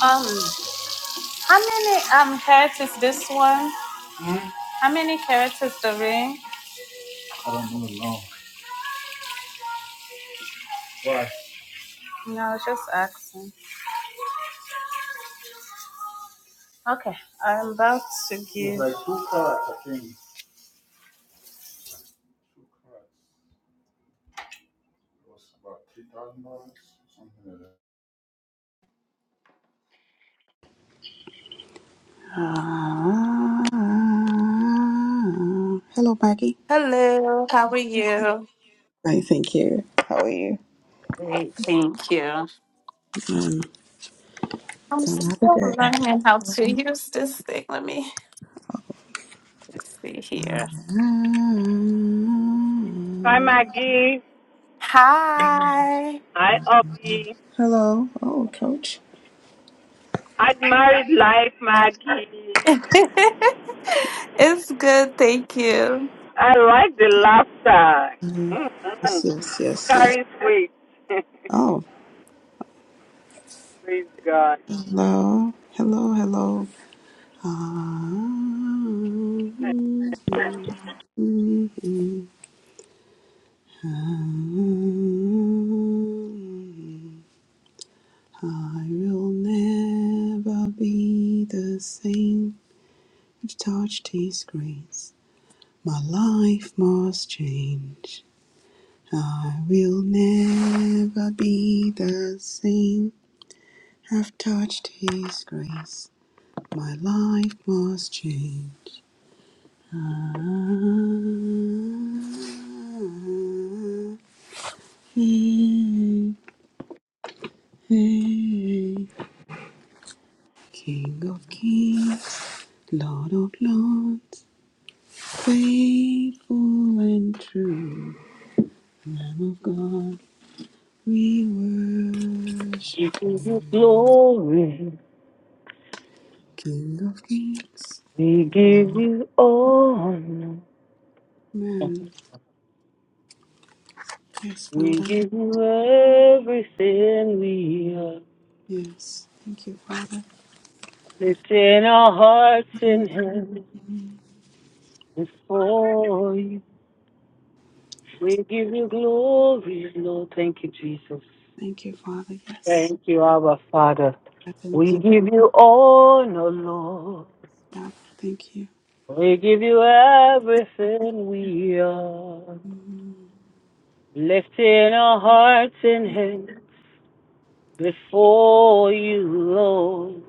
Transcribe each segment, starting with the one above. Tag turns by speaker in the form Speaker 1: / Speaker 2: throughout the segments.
Speaker 1: Um, how many um carrots is this one? How many carrots is the ring? No, just asking. Okay, I'm about to give.
Speaker 2: Ah, hello, Maggie.
Speaker 1: Hello, how are you?
Speaker 2: Hi, thank you. How are you?
Speaker 1: Great, thank you.
Speaker 2: Um,
Speaker 1: I'm
Speaker 2: it's another
Speaker 1: still
Speaker 2: day.
Speaker 1: learning how to use this thing. Let me let's see here.
Speaker 2: Ah,
Speaker 3: Hi, Maggie.
Speaker 1: Hi.
Speaker 3: Hi, Obi.
Speaker 2: hello. Oh, coach.
Speaker 3: I'd married life, Maggie.
Speaker 1: it's good, thank you.
Speaker 3: I like the laughter.
Speaker 2: Um,
Speaker 3: Mhm.
Speaker 2: yes, yes, yes, yes.
Speaker 3: Carries weight.
Speaker 2: Oh,
Speaker 3: Praise God.
Speaker 2: hello. Hello, hello. Ah, I will never be the same I've touched His grace. My life must change. I will never be the same. have touched His grace. My life must change. Ah, hey, hey. hey. King of kings, Lord of lords. Faithful and true, Lamb of God, we
Speaker 3: We
Speaker 2: worship
Speaker 3: give
Speaker 2: you.
Speaker 3: you glory.
Speaker 2: King of kings,
Speaker 3: We give
Speaker 2: Lord of
Speaker 3: you honor.
Speaker 2: men. Yes,
Speaker 3: We
Speaker 2: Father.
Speaker 3: give you everything we are.
Speaker 2: Yes. Thank you, Father.
Speaker 3: Lifting our hearts
Speaker 2: Mm.
Speaker 3: and hands before you. We give you glory, Lord. Thank you, Jesus.
Speaker 2: Thank you, Father. Yes.
Speaker 3: Thank you, our Father.
Speaker 2: I
Speaker 3: We
Speaker 2: Thank you,
Speaker 3: give you honor, Lord.
Speaker 2: Father. Thank you.
Speaker 3: We give you everything we are.
Speaker 2: Mm.
Speaker 3: Lifting our hearts and hands before you, Lord.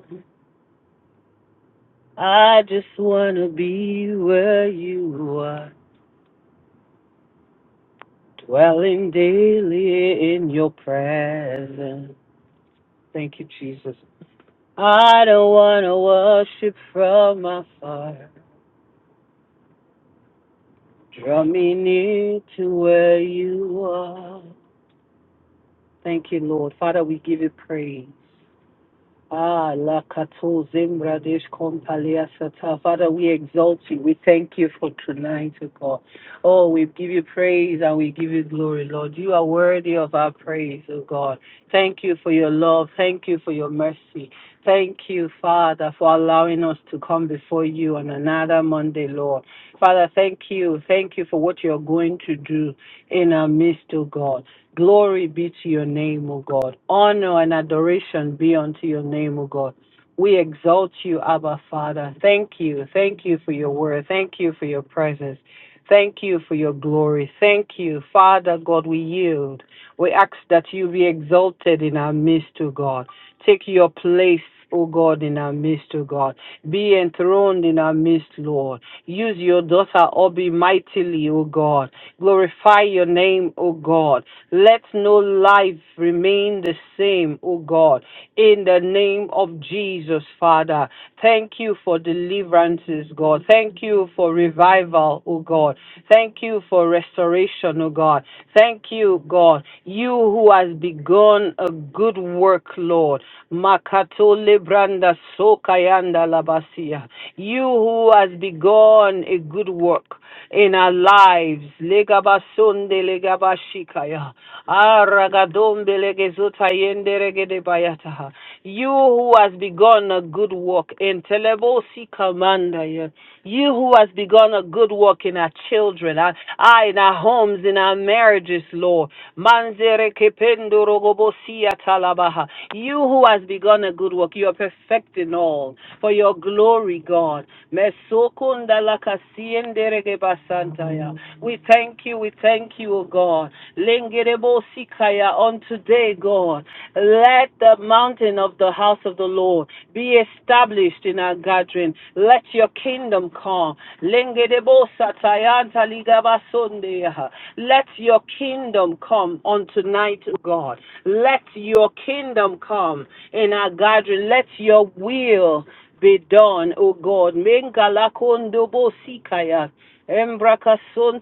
Speaker 3: I just want to be where you are, dwelling daily in your presence. Thank you, Jesus. I don't want to worship from afar. Draw me near to where you are. Thank you, Lord. Father, we give you praise. Ah, la Kato Zimbradesh Kompalia Sata. Father, we exalt you. We thank you for tonight, O God. Oh, we give you praise and we give you glory, Lord. You are worthy of our praise, O God. Thank you for your love. Thank you for your mercy. Thank you, Father, for allowing us to come before you on another Monday, Lord. Father, thank you. Thank you for what you're going to do in our midst, O God. Glory be to your name, O God. Honor and adoration be unto your name, O God. We exalt you, Abba Father. Thank you. Thank you for your word. Thank you for your presence. Thank you for your glory. Thank you, Father God. We yield. We ask that you be exalted in our midst, O God. Take your place, O God, in our midst, O God. Be enthroned in our midst, Lord. Use your daughter, Obi, mightily, O God. Glorify your name, O God. Let no life remain the same, O God. In the name of Jesus, Father, thank you for deliverances, God. Thank you for revival, O God. Thank you for restoration, O God. Thank you, God. You who has begun a good work, Lord. Makato branda sokayanda labasia. You who has begun a good work in our lives. Legabasonde legabashikaya. Aragadombe legezota yende regede bayataha. You who has begun a good good work. Entelebosi commander, yeah. You who has begun a good work in our children, our, ah, in our homes, in our marriages, Lord. Manzere kependo rogobosia talabaha. You who has begun a good work, you are perfecting all for your glory, God. Mesokunda lakasiendere gebasantaya. We thank you, we thank you, O God. Lengerebosi kaya on today, God. Let the mountain of the house of the Lord be established in our gathering. Let your kingdom come. Let your kingdom come on tonight, God. Let your kingdom come in our gathering. Let your will be done, O God. Mengalakondobo sikaya. Embrakason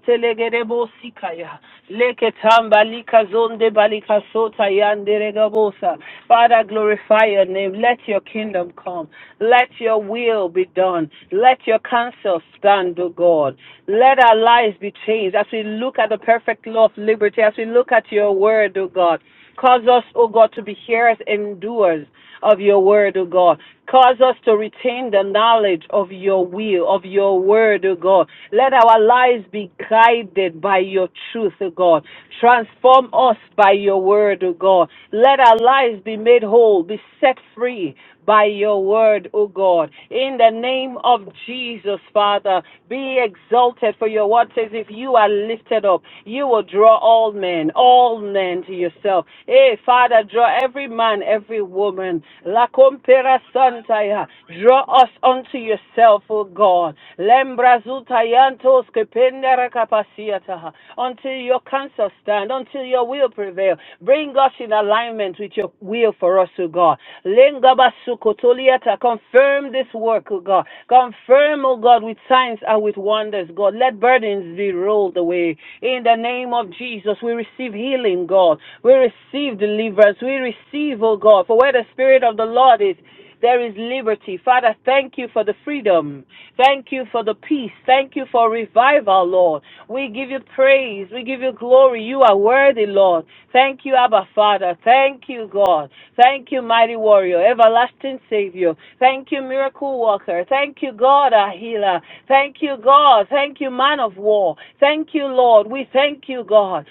Speaker 3: Leketam balika zonde balika sota yandere gabosa. Father, glorify your name. Let your kingdom come. Let your will be done. Let your counsel stand, O God. Let our lives be changed as we look at the perfect law of liberty, as we look at your word, O God. Cause us, O God, to be hearers and doers of your word, O God. Cause us to retain the knowledge of your will, of your word, O God. Let our lives be guided by your truth, O God. Transform us by your word, O God. Let our lives be made whole, be set free by your word, O God. In the name of Jesus, Father, be exalted, for your word says, if you are lifted up, you will draw all men, all men to yourself. Hey, Father, draw every man, every woman. La compera santaya. Draw us unto yourself, O God. Lembra zutayantos kependera kapasiataha. Until your counsel stand, until your will prevail. Bring us in alignment with your will for us, O God. Lengabasukotoliata, Confirm this work, O God. Confirm, O God, with signs and with wonders, God. Let burdens be rolled away. In the name of Jesus, we receive healing, God. We receive deliverance. We receive, O God, for where the Spirit of the Lord is, there is liberty. Father, thank you for the freedom Thank you for the peace. Thank you for revival, Lord. We give you praise. We give you glory. You are worthy, Lord. Thank you, Abba Father. Thank you, God. Thank you, mighty warrior, everlasting Savior. Thank you, miracle worker. Thank you, God, our healer. Thank you, God. Thank you, man of war. Thank you, Lord. We thank you, God.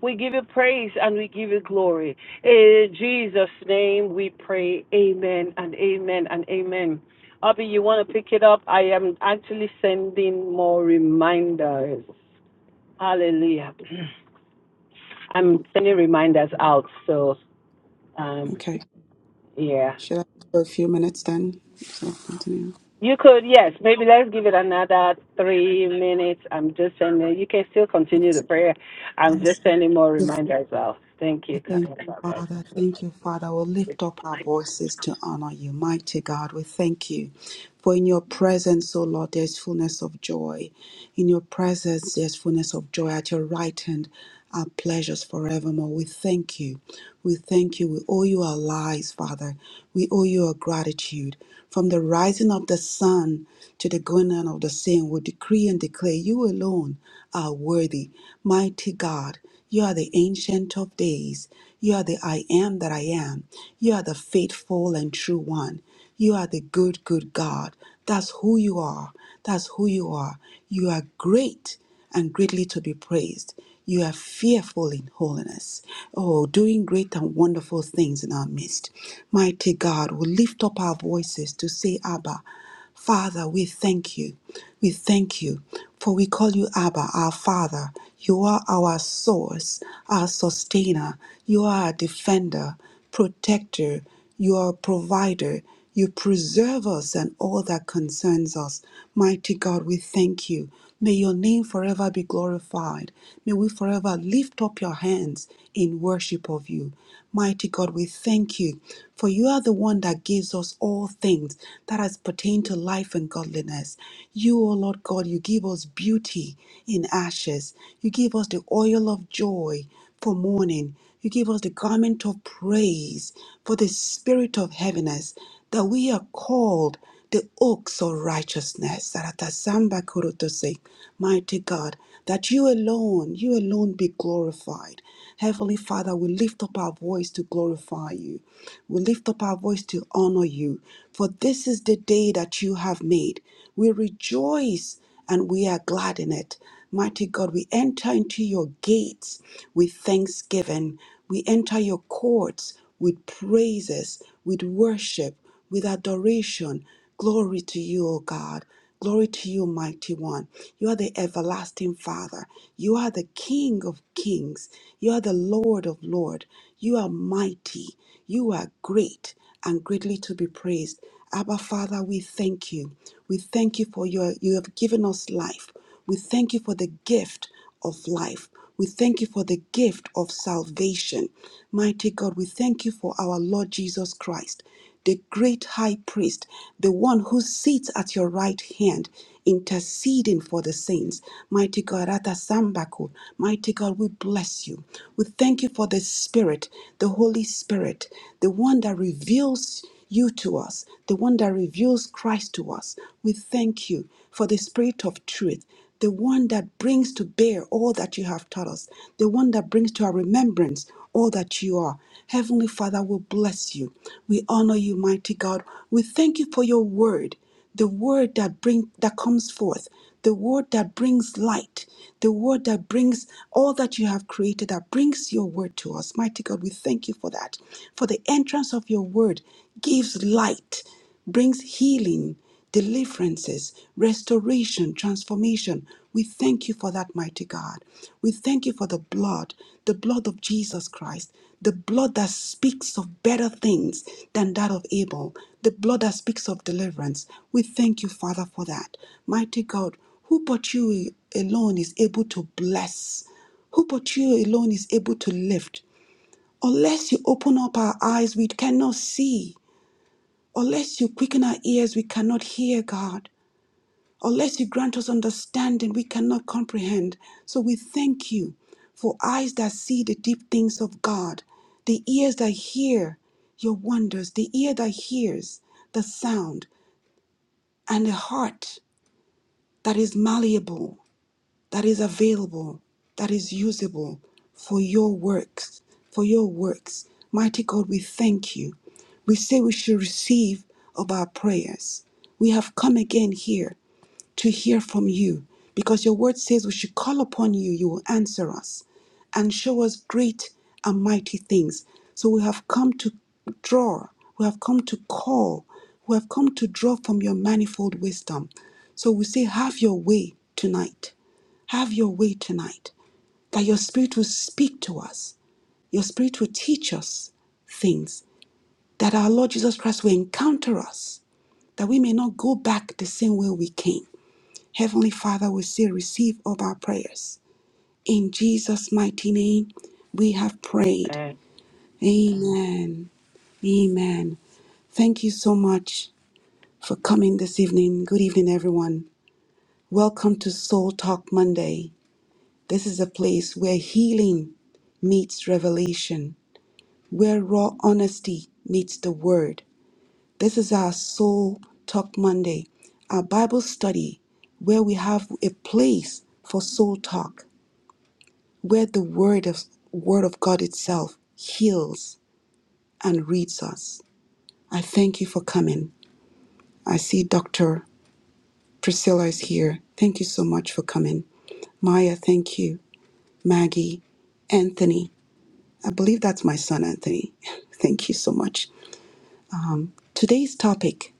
Speaker 3: We give you praise and we give you glory. In Jesus' name we pray. Amen and amen and amen. Abby, you want to pick it up? I am actually sending more reminders. Hallelujah. I'm sending reminders out. So, um,
Speaker 2: Okay.
Speaker 3: yeah.
Speaker 2: Should I for a few minutes then? So continue.
Speaker 3: You could, yes, maybe let's give it another three minutes. I'm just sending, you can still continue the prayer. I'm
Speaker 2: Yes.
Speaker 3: just sending more
Speaker 2: Yes.
Speaker 3: reminders out. Thank you.
Speaker 2: Thank you,
Speaker 3: God.
Speaker 2: Father. Thank you, Father. We'll lift up our voices to honor you. Mighty God, we thank you. For in your presence, O Lord, there's fullness of joy. In your presence, there's fullness of joy. At your right hand are pleasures forevermore. We thank you. We thank you. We owe you our lives, Father. We owe you our gratitude. From the rising of the sun to the going down of the same, we decree and declare you alone are worthy. Mighty God, you are the ancient of days. You are the I am that I am. You are the faithful and true one. You are the good, good God. That's who you are. That's who you are. You are great and greatly to be praised. You are fearful in holiness. Oh, doing great and wonderful things in our midst. Mighty God, we lift up our voices to say, Abba. Father, we thank you. We thank you, for we call you Abba, our Father. You are our source, our sustainer. You are our defender, protector. You are a provider. You preserve us and all that concerns us. Mighty God, we thank you. May your name forever be glorified. May we forever lift up your hands in worship of you. Mighty God, we thank you, for you are the one that gives us all things that has pertained to life and godliness. You, O Lord God, you give us beauty in ashes. You give us the oil of joy for mourning. You give us the garment of praise for the spirit of heaviness, that we are called the oaks of righteousness. Saratasamba kurutose. Mighty God, that you alone, you alone be glorified. Heavenly Father, we lift up our voice to glorify you. We lift up our voice to honor you. For this is the day that you have made. We rejoice and we are glad in it. Mighty God, we enter into your gates with thanksgiving. We enter your courts with praises, with worship with adoration. Glory to you, O God. Glory to you, mighty one. You are the everlasting Father. You are the King of kings. You are the Lord of lords. You are mighty. You are great and greatly to be praised. Abba, Father, we thank you. We thank you for your, you have given us life. We thank you for the gift of life. We thank you for the gift of salvation. Mighty God, we thank you for our Lord Jesus Christ the great high priest, the one who sits at your right hand, interceding for the saints. Mighty God, Atasambako, mighty God, we bless you. We thank you for the Spirit, the Holy Spirit, the one that reveals you to us, the one that reveals Christ to us. We thank you for the Spirit of truth the one that brings to bear all that you have taught us, the one that brings to our remembrance all that you are. Heavenly Father, we bless you. We honor you, mighty God. We thank you for your word, the word that bring that comes forth, the word that brings light, the word that brings all that you have created, that brings your word to us. Mighty God, we thank you for that. For the entrance of your word gives light, brings healing deliverances, restoration, transformation. We thank you for that, mighty God. We thank you for the blood, the blood of Jesus Christ, the blood that speaks of better things than that of Abel, the blood that speaks of deliverance. We thank you, Father, for that. Mighty God, who but you alone is able to bless? Who but you alone is able to lift? Unless you open up our eyes, we cannot see. Unless you quicken our ears, we cannot hear, God. Unless you grant us understanding, we cannot comprehend. So we thank you for eyes that see the deep things of God, the ears that hear your wonders, the ear that hears the sound, and a heart that is malleable, that is available, that is usable for your works, for your works. Mighty God, we thank you. We say we should receive of our prayers. We have come again here to hear from you because your word says we should call upon you, you will answer us and show us great and mighty things. So we have come to draw, we have come to call, we have come to draw from your manifold wisdom. So we say, Have your way tonight. Have your way tonight. That your spirit will speak to us, your spirit will teach us things, that our Lord Jesus Christ will encounter us, that we may not go back the same way we came Heavenly Father, we say, receive all our prayers. In Jesus' mighty name, we have prayed.
Speaker 3: Uh,
Speaker 2: Amen. Amen. Thank you so much for coming this evening. Good evening, everyone. Welcome to Soul Talk Monday. This is a place where healing meets revelation, where raw honesty meets the word. This is our Soul Talk Monday, our Bible study, where we have a place for soul talk. where the word of word of God itself heals and reads us. I thank you for coming. I see Dr. Priscilla is here. Thank you so much for coming. Maya, thank you. Maggie, Anthony. I believe that's my son Anthony. thank you so much. Today's topic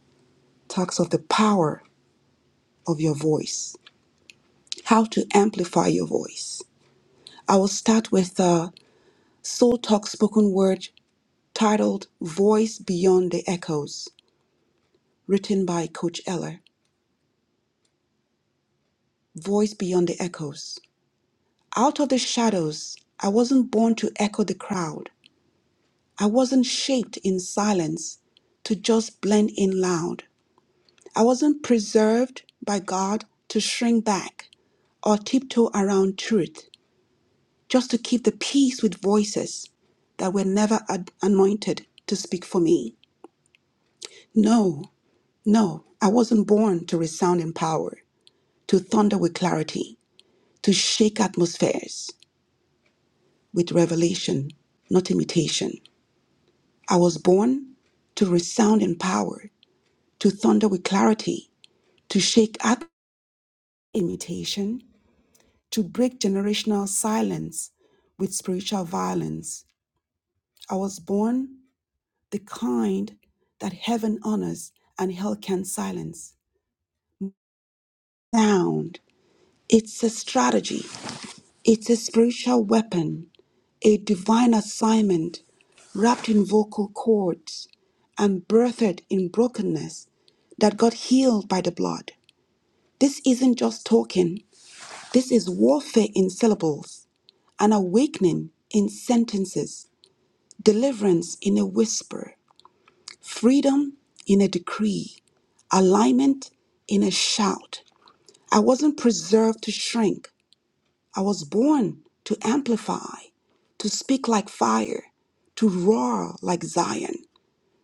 Speaker 2: talks of the power of your voice, how to amplify your voice. I will start with a Soul Talk spoken word titled Voice Beyond the Echoes. written by Coach Eller. Voice Beyond the Echoes. Out of the shadows, I wasn't born to echo the crowd. I wasn't shaped in silence to just blend in loud. I wasn't preserved by God to shrink back or tiptoe around truth, just to keep the peace with voices that were never ad- anointed to speak for me. No, no, I wasn't born to resound in power, to thunder with clarity, to shake atmospheres. with revelation, not imitation. I was born to resound in power, to thunder with clarity, to shake at imitation, to break generational silence with spiritual violence. I was born the kind that heaven honors and hell can silence. Sound. It's a strategy. It's a spiritual weapon a divine assignment wrapped in vocal cords and birthed in brokenness that got healed by the blood. This isn't just talking, this is warfare in syllables, an awakening in sentences, deliverance in a whisper, freedom in a decree, alignment in a shout. I wasn't preserved to shrink, I was born to amplify, to speak like fire, to roar like Zion,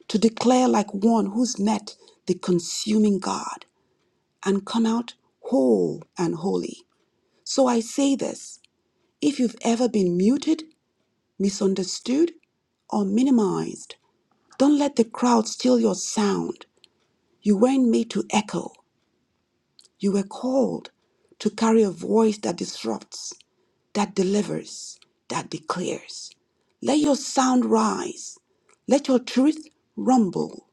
Speaker 2: to declare like one who's met the consuming God and come out whole and holy. So I say this if you've ever been muted, misunderstood, or minimized, don't let the crowd steal your sound. You weren't made to echo, you were called to carry a voice that disrupts, that delivers, that declares. Let your sound rise. Let your truth rumble.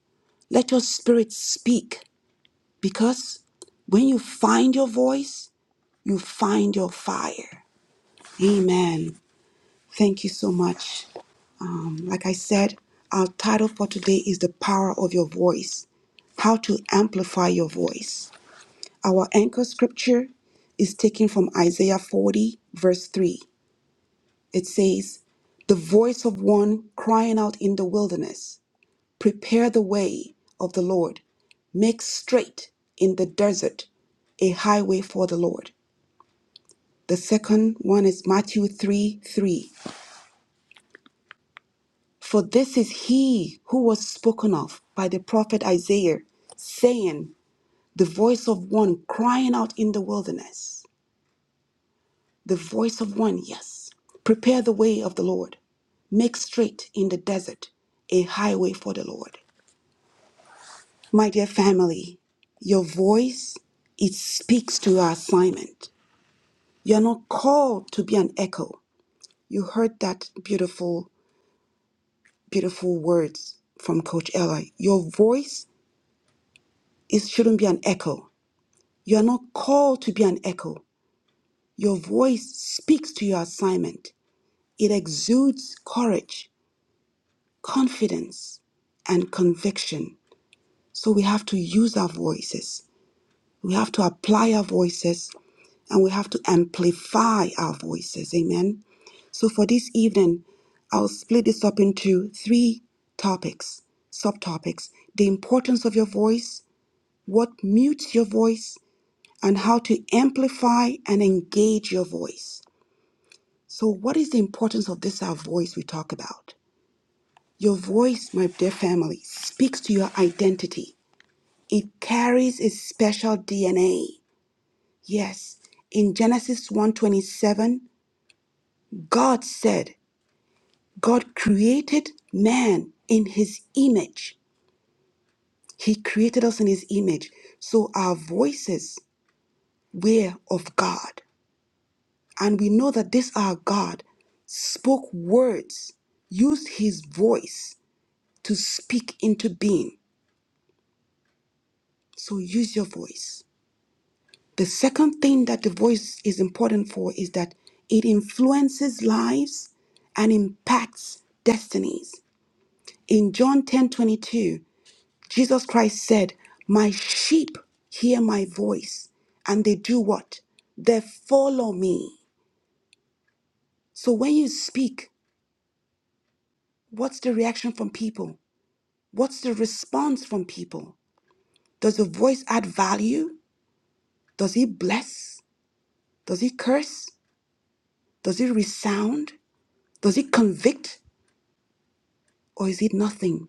Speaker 2: Let your spirit speak. Because when you find your voice, you find your fire. Amen. Thank you so much. Um, like I said, our title for today is The Power of Your Voice How to Amplify Your Voice. Our anchor scripture is taken from Isaiah 40, verse 3. It says, The voice of one crying out in the wilderness, Prepare the way of the Lord, make straight in the desert a highway for the Lord. The second one is Matthew 3 3. For this is he who was spoken of by the prophet Isaiah, saying, The voice of one crying out in the wilderness. The voice of one, yes. Prepare the way of the Lord. Make straight in the desert a highway for the Lord. My dear family, your voice, it speaks to our assignment. You're not called to be an echo. You heard that beautiful, beautiful words from Coach Ella. Your voice, it shouldn't be an echo. You're not called to be an echo. Your voice speaks to your assignment. It exudes courage, confidence, and conviction. So we have to use our voices. We have to apply our voices and we have to amplify our voices. Amen. So for this evening, I'll split this up into three topics, subtopics the importance of your voice, what mutes your voice, and how to amplify and engage your voice. So, what is the importance of this, our voice we talk about? Your voice, my dear family, speaks to your identity. It carries a special DNA. Yes, in Genesis 1:27, God said, God created man in his image. He created us in his image. So our voices were of God. And we know that this our God spoke words, used his voice to speak into being. So use your voice. The second thing that the voice is important for is that it influences lives and impacts destinies. In John 10:22, Jesus Christ said, My sheep hear my voice, and they do what? They follow me. So when you speak, what's the reaction from people? What's the response from people? Does the voice add value? Does it bless? Does it curse? Does it resound? Does it convict? Or is it nothing?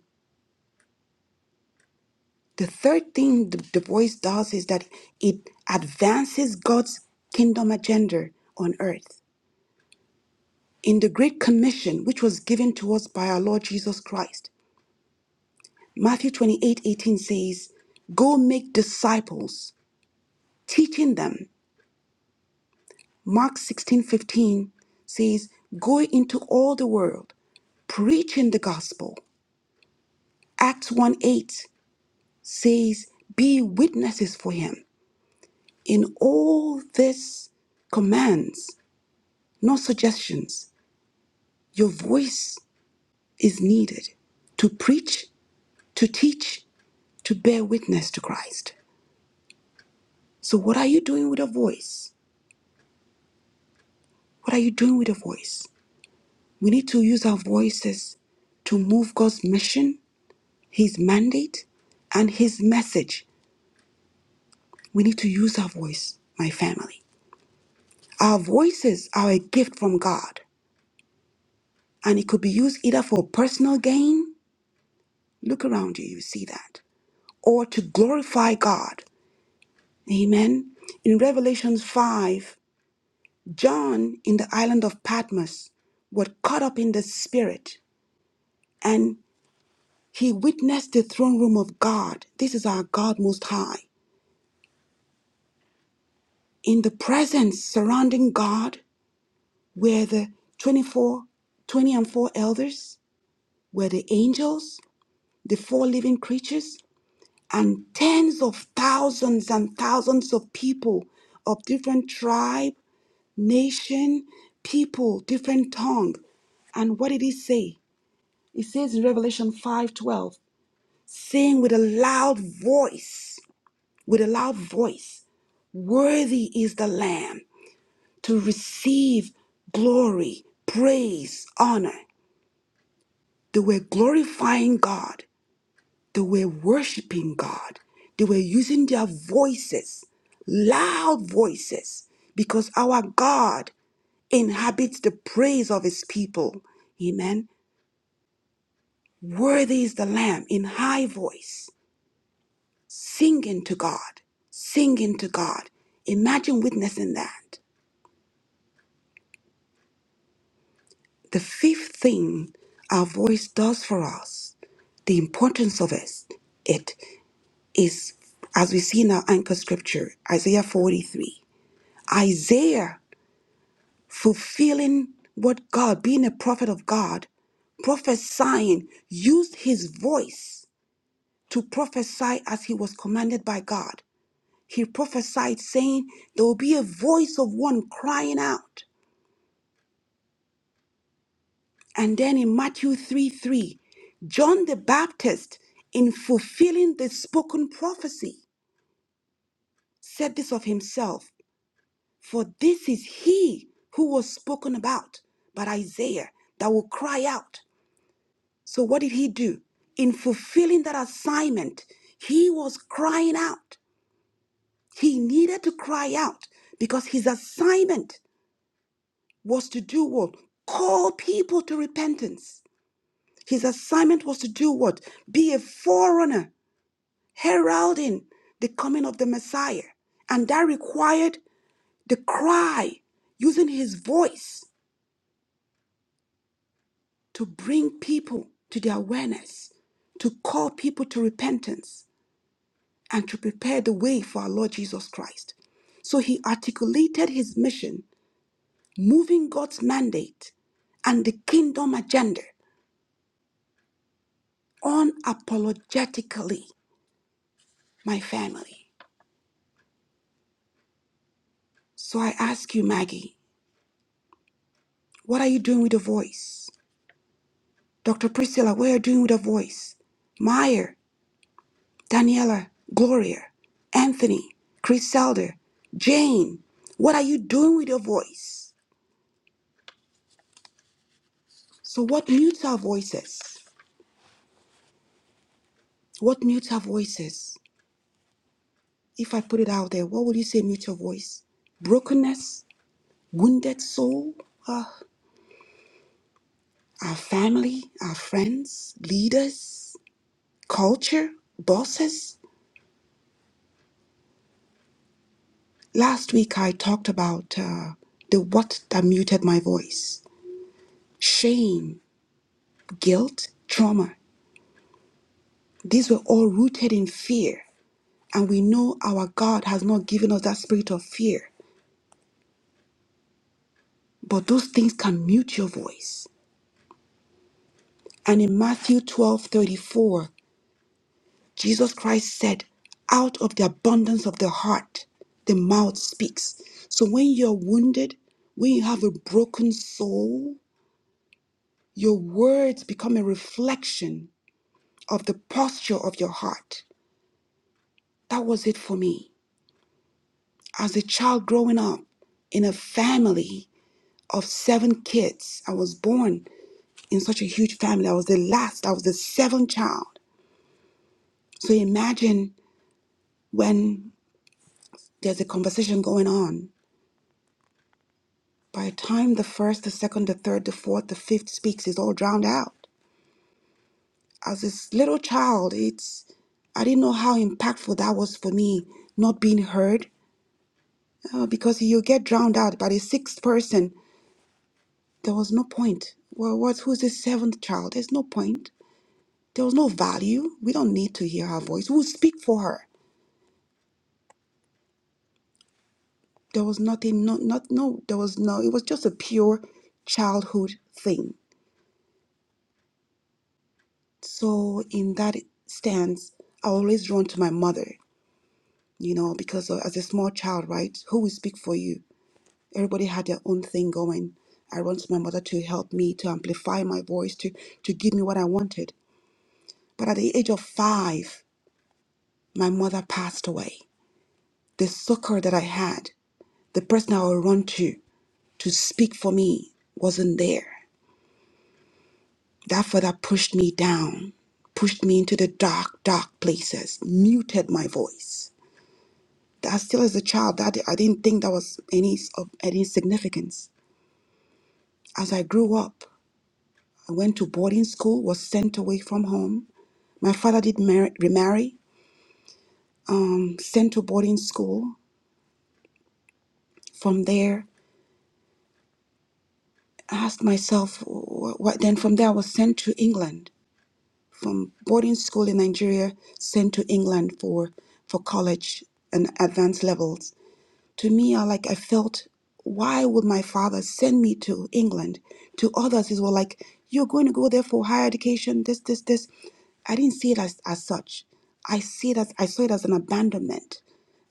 Speaker 2: The third thing the, the voice does is that it advances God's kingdom agenda on earth. in the great commission which was given to us by our Lord Jesus Christ. Matthew 28, 18 says, Go make disciples, teaching them. Mark 16, 15 says, Go into all the world, preaching the gospel. Acts 1 8 says, Be witnesses for him. In all this commands, not suggestions, your voice is needed to preach, to teach, to bear witness to Christ. So, what are you doing with a voice? What are you doing with a voice? We need to use our voices to move God's mission, His mandate, and His message. We need to use our voice, my family. Our voices are a gift from God, and it could be used either for personal gain. Look around you, you see that, or to glorify God. Amen. In Revelation 5, John in the island of Patmos was caught up in the spirit and he witnessed the throne room of God. This is our God Most High. In the presence surrounding God were the 24, 20 and 4 elders, were the angels, the four living creatures, and tens of thousands and thousands of people of different tribe, nation, people, different tongue. And what did he say? It says in Revelation 5:12, saying with a loud voice, with a loud voice, worthy is the lamb to receive glory, praise, honor. They were glorifying God. They were worshiping God. They were using their voices, loud voices, because our God inhabits the praise of his people. Amen. Worthy is the lamb in high voice. singing to God, singing to God. Imagine witnessing that. The fifth thing our voice does for us, the importance of it, it is, as we see in our anchor scripture, Isaiah 43. Isaiah fulfilling what God, being a prophet of God, prophesying, used his voice to prophesy as he was commanded by God. He prophesied, saying, There will be a voice of one crying out. And then in Matthew 3 3, John the Baptist, in fulfilling the spoken prophecy, said this of himself For this is he who was spoken about by Isaiah that will cry out. So, what did he do? In fulfilling that assignment, he was crying out. He needed to cry out because his assignment was to do what? Call people to repentance. His assignment was to do what? Be a forerunner, heralding the coming of the Messiah. And that required the cry, using his voice to bring people to the awareness, to call people to repentance, and to prepare the way for our Lord Jesus Christ. So he articulated his mission, moving God's mandate and the kingdom agenda unapologetically my family. So I ask you, Maggie, what are you doing with your voice? Dr. Priscilla, what are you doing with your voice? Meyer, Daniela, Gloria, Anthony, Chris Selder, Jane, what are you doing with your voice? So what mutes our voices? What mutes our voices? If I put it out there, what would you say mutes your voice? Brokenness, wounded soul, Ah, our family, our friends, leaders, culture, bosses. Last week I talked about uh, the what that muted my voice. Shame, guilt, trauma. These were all rooted in fear. And we know our God has not given us that spirit of fear. But those things can mute your voice. And in Matthew 12 34, Jesus Christ said, Out of the abundance of the heart, the mouth speaks. So when you're wounded, when you have a broken soul, Your words become a reflection of the posture of your heart. That was it for me. As a child growing up in a family of seven kids, I was born in such a huge family. I was the last, I was the seventh child. So imagine when there's a conversation going on. By the time the first, the second, the third, the fourth, the fifth speaks, it's all drowned out. As this little child, it's I didn't know how impactful that was for me, not being heard, Uh, because you get drowned out by the sixth person. There was no point. Well, what? Who's the seventh child? There's no point. There was no value. We don't need to hear her voice. We'll speak for her. There was nothing. No, not no. There was no. It was just a pure childhood thing. So in that stance, I always run to my mother. You know, because uh, as a small child, right? Who will speak for you? Everybody had their own thing going. I run to my mother to help me to amplify my voice to to give me what I wanted But at the age of five, my mother passed away. The succor that I had, the person I would run to to speak for me, wasn't there. That further pushed me down, pushed me into the dark, dark places, muted my voice. That still as a child, that I didn't think that was any of any significance. As I grew up, I went to boarding school, was sent away from home. My father did mar- remarry, um, sent to boarding school. From there, asked myself wh- what then from there I was sent to England from boarding school in Nigeria sent to England for for college and advanced levels to me I like I felt why would my father send me to England to others it was like you're going to go there for higher education this this this I didn't see it as, as such I see it as I saw it as an abandonment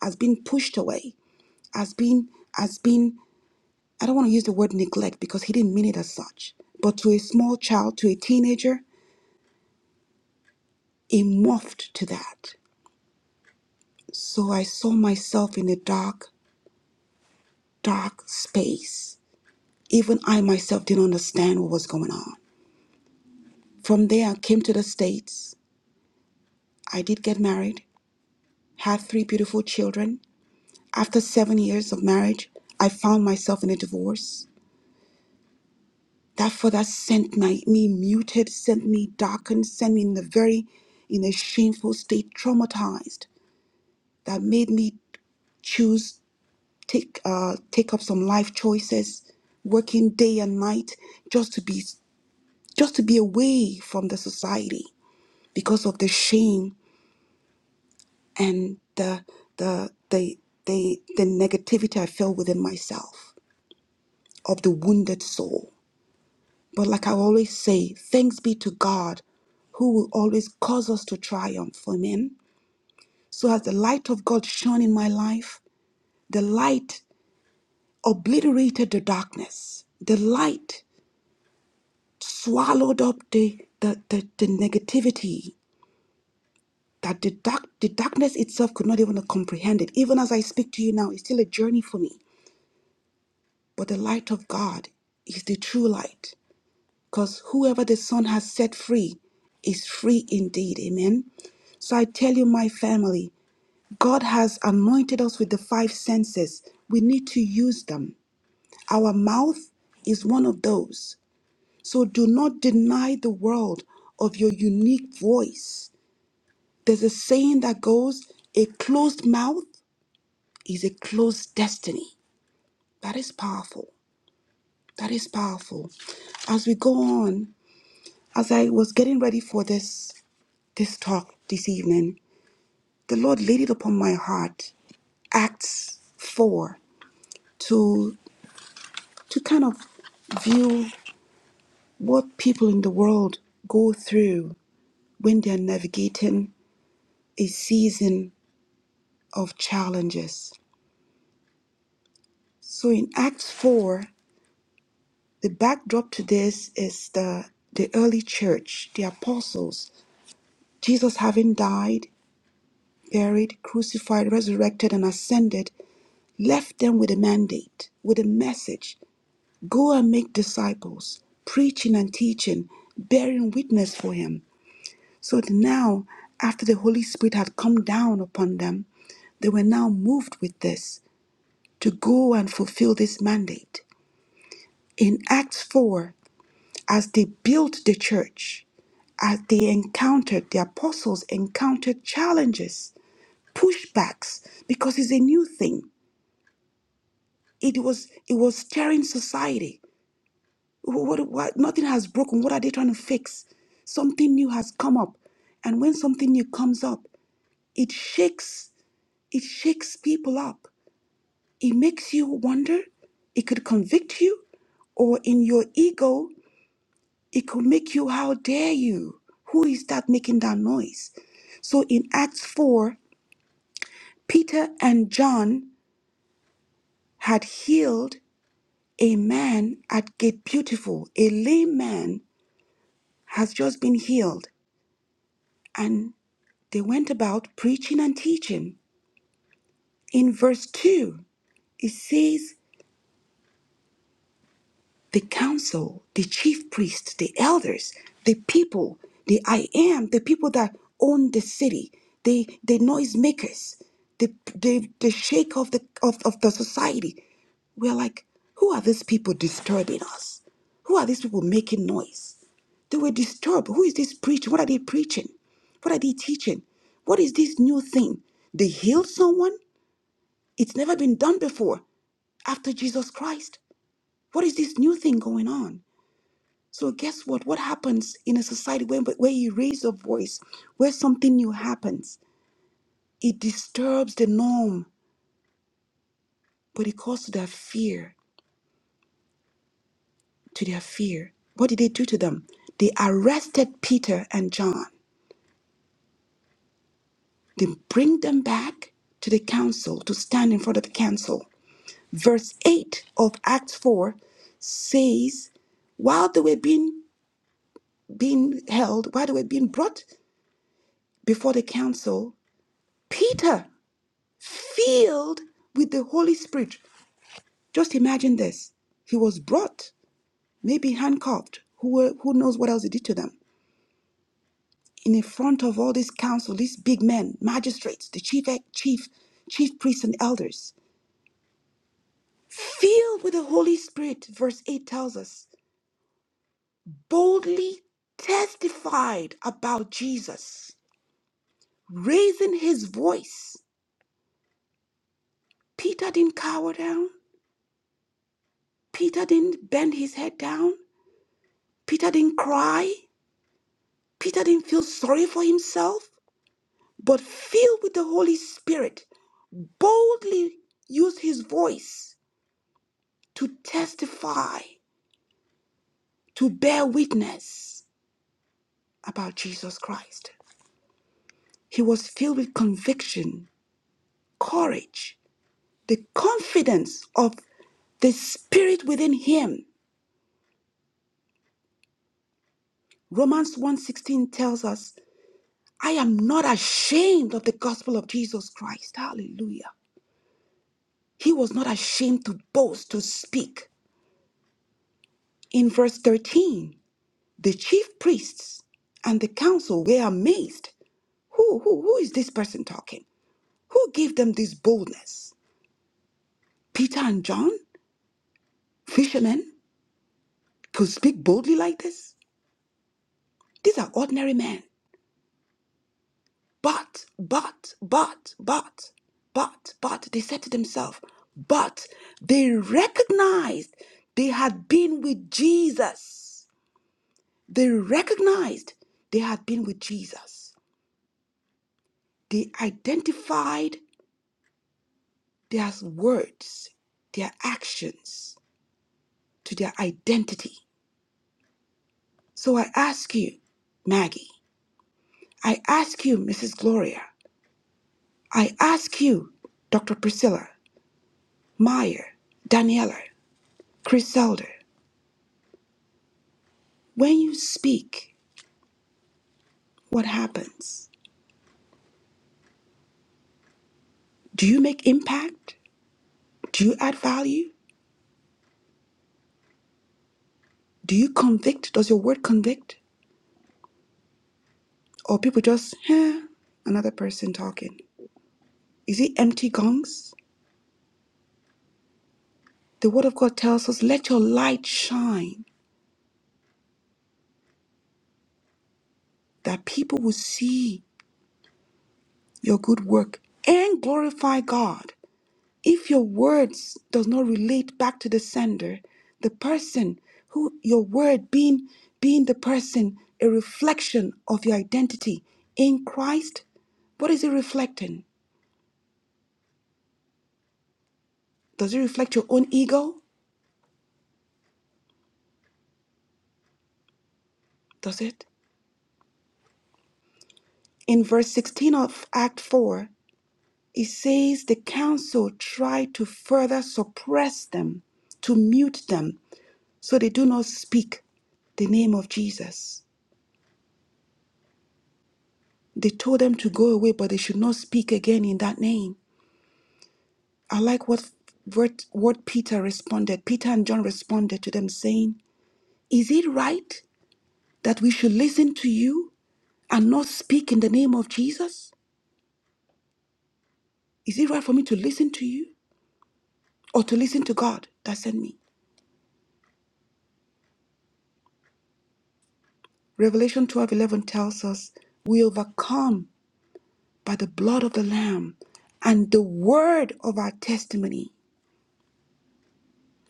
Speaker 2: as being pushed away as being as being I don't want to use the word neglect because he didn't mean it as such. But to a small child, to a teenager, it morphed to that. So I saw myself in a dark, dark space. Even I myself didn't understand what was going on. From there, I came to the States. I did get married, had three beautiful children. After seven years of marriage, I found myself in a divorce. That for that sent my, me muted, sent me darkened, sent me in a very, in a shameful state, traumatized that made me choose take uh take up some life choices working day and night just to be just to be away from the society because of the shame and the the the the, the negativity I felt within myself of the wounded soul. But like I always say, thanks be to God who will always cause us to triumph. Amen. So as the light of God shone in my life, the light obliterated the darkness. The light swallowed up the, the, the, the negativity that the, dark, the darkness itself could not even comprehend it. Even as I speak to you now, it's still a journey for me. But the light of God is the true light. Because whoever the Son has set free is free indeed. Amen. So I tell you, my family, God has anointed us with the five senses. We need to use them. Our mouth is one of those. So do not deny the world of your unique voice. There's a saying that goes, a closed mouth is a closed destiny. That is powerful. That is powerful. As we go on, as I was getting ready for this this talk this evening, the Lord laid it upon my heart, Acts 4, to to kind of view what people in the world go through when they're navigating a season of challenges. So in Acts 4, the backdrop to this is the, the early church, the apostles. Jesus, having died, buried, crucified, resurrected, and ascended, left them with a mandate, with a message go and make disciples, preaching and teaching, bearing witness for him. So that now, after the Holy Spirit had come down upon them, they were now moved with this to go and fulfill this mandate. in Acts 4, as they built the church, as they encountered, the apostles encountered challenges, pushbacks, because it's a new thing. It was it was stirring society. What, what, nothing has broken. What are they trying to fix? Something new has come up. And when something new comes up, it shakes, it shakes people up. It makes you wonder, it could convict you, or in your ego It could make you, how dare you? Who is that making that noise? So in Acts 4, Peter and John had healed a man at Gate Beautiful. A lame man has just been healed. And they went about preaching and teaching. In verse 2, it says, the council, the chief priests, the elders, the people, the I am, the people that own the city, the, the noisemakers, the, the, the shake of the, of, of the society. We're like, who are these people disturbing us? Who are these people making noise? They were disturbed. Who is this preaching? What are they preaching? What are they teaching? What is this new thing? They healed someone? It's never been done before after Jesus Christ. What is this new thing going on? So guess what? What happens in a society when where you raise your voice, where something new happens, it disturbs the norm, but it calls to their fear, to their fear. What did they do to them? They arrested Peter and John. They bring them back to the council to stand in front of the council. Verse 8 of Acts 4 says, while they were being being held, while they were being brought before the council, Peter filled with the Holy Spirit. Just imagine this. He was brought, maybe handcuffed, who, were, who knows what else he did to them, in the front of all this council, these big men, magistrates, the chief, e, chief, chief priests and elders. Filled with the Holy Spirit, verse 8 tells us, boldly testified about Jesus, raising his voice. Peter didn't cower down. Peter didn't bend his head down. Peter didn't cry. Peter didn't feel sorry for himself, but filled with the Holy Spirit, boldly used his voice to testify, to bear witness about Jesus Christ. He was filled with conviction, courage, the confidence of the spirit within him. Romans one sixteen tells us, "I am not ashamed of the gospel of Jesus Christ." Hallelujah. He was not ashamed to boast, to speak. In verse 13, the chief priests and the council were amazed. Who, who, who is this person talking? Who gave them this boldness? Peter and John, fishermen, could speak boldly like this? These are ordinary men. But, but, but, but, but, but, they said to themselves, but they recognized they had been with Jesus. They recognized they had been with Jesus. They identified their words, their actions, to their identity. So I ask you, Maggie, I ask you, Mrs. Gloria, I ask you, Dr. Priscilla, Meyer, Daniela, Chris Elder, when you speak, what happens? Do you make impact? Do you add value? Do you convict? Does your word convict? Or people just, huh, another person talking? Is it empty gongs? The word of God tells us, let your light shine that people will see your good work and glorify God. If your words does not relate back to the sender, the person who your word being being the person a reflection of your identity in Christ, what is it reflecting? Does it reflect your own ego? Does it? In verse 16 of Act 4, it says the council tried to further suppress them, to mute them, So they do not speak the name of Jesus. They told them to go away, but they should not speak again in that name. I like what, what, what Peter responded. Peter and John responded to them, saying, Is it right that we should listen to you and not speak in the name of Jesus? Is it right for me to listen to you or to listen to God that sent me? Revelation twelve eleven tells us, We overcome by the blood of the Lamb and the word of our testimony.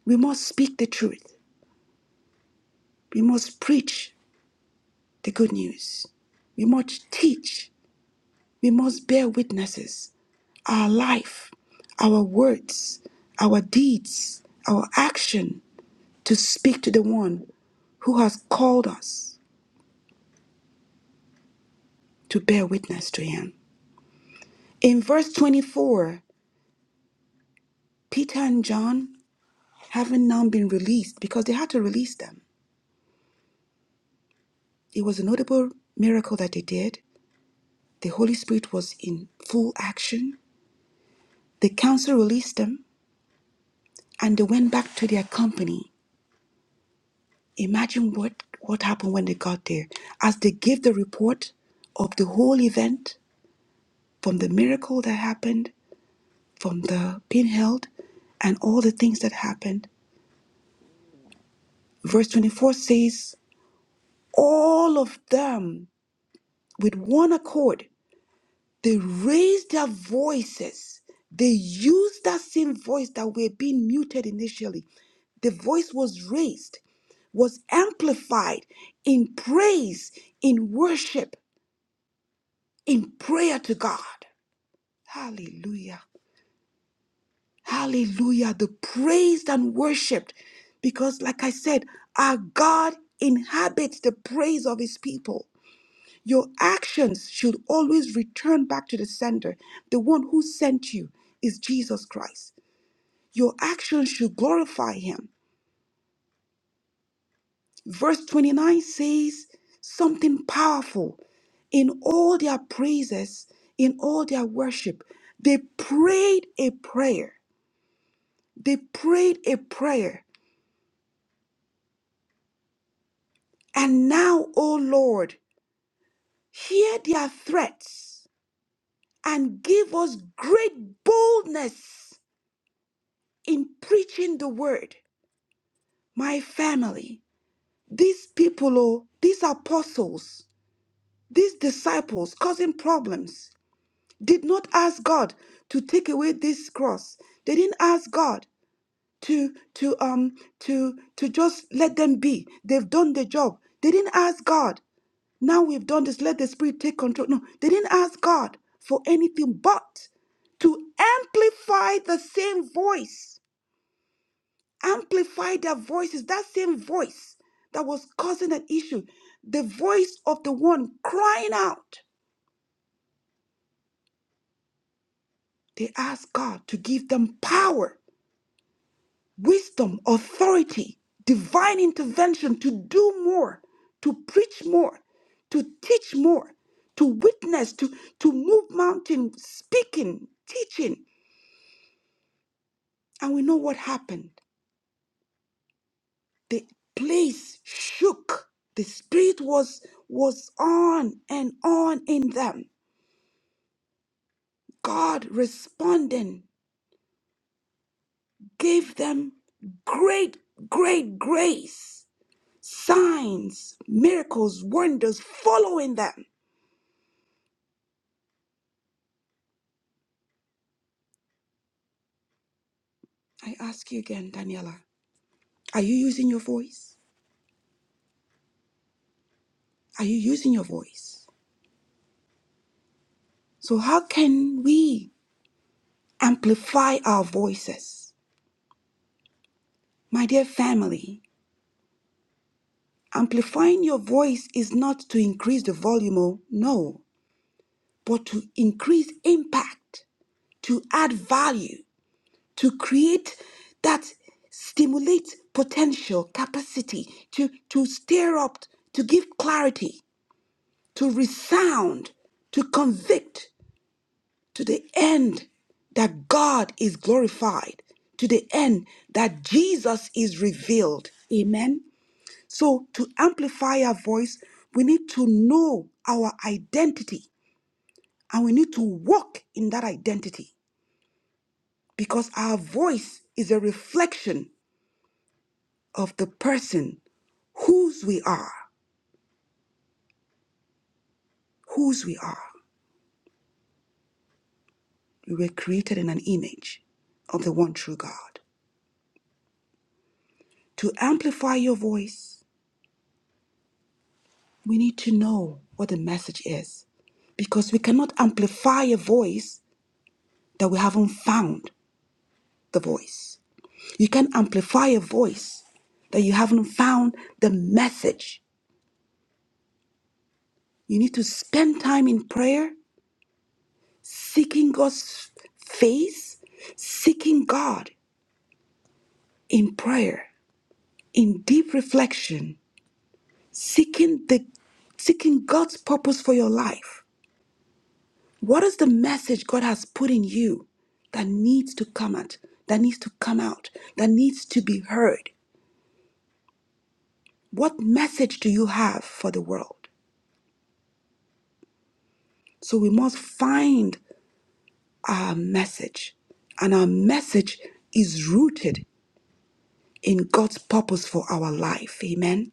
Speaker 2: We must speak the truth. We must preach the good news. We must teach. We must bear witnesses. Our life, our words, our deeds, our action to speak to the one who has called us to bear witness to him. In verse 24, Peter and John, having now been released, because they had to release them, it was a notable miracle that they did. The Holy Spirit was in full action. The council released them and they went back to their company. Imagine what, what happened when they got there. As they gave the report of the whole event, from the miracle that happened, from the pinheld, and all the things that happened. Verse 24 says, All of them with one accord They raised their voices. They used that same voice that were being muted initially. The voice was raised, was amplified in praise, in worship, in prayer to God. Hallelujah. Hallelujah. The praised and worshiped. Because, like I said, our God inhabits the praise of his people. Your actions should always return back to the sender. The one who sent you is Jesus Christ. Your actions should glorify him. Verse 29 says something powerful. In all their praises, in all their worship, they prayed a prayer. They prayed a prayer. And now, O Lord, hear their threats and give us great boldness in preaching the word. my family, these people, oh, these apostles, these disciples causing problems, did not ask God to take away this cross. They didn't ask God to to um to to just let them be. They've done their job. They didn't ask God. Now we've done this. Let the Spirit take control. No, they didn't ask God for anything but to amplify the same voice amplify their voices, that same voice that was causing an issue, the voice of the one crying out. They asked God to give them power, wisdom, authority, divine intervention to do more, to preach more, to teach more, to witness, to, to move mountain, speaking, teaching. And we know what happened. The place shook. The spirit was was on and on in them God responding gave them great, great grace, signs, miracles, wonders following them. I ask you again, Daniela, are you using your voice? Are you using your voice? So, how can we amplify our voices? My dear family, amplifying your voice is not to increase the volume, oh, no, but to increase impact, to add value, to create that stimulate potential capacity to to stir up to give clarity to resound to convict to the end that god is glorified to the end that jesus is revealed amen so to amplify our voice we need to know our identity and we need to walk in that identity because our voice is a reflection of the person whose we are, whose we are. We were created in an image of the one true God. To amplify your voice, we need to know what the message is because we cannot amplify a voice that we haven't found the voice. You can amplify a voice that you haven't found the message. You need to spend time in prayer, seeking God's face, seeking God in prayer in deep reflection, seeking the seeking God's purpose for your life. What is the message God has put in you that needs to come out, that needs to come out, that needs to be heard? What message do you have for the world? So we must find our message. And our message is rooted in God's purpose for our life. Amen.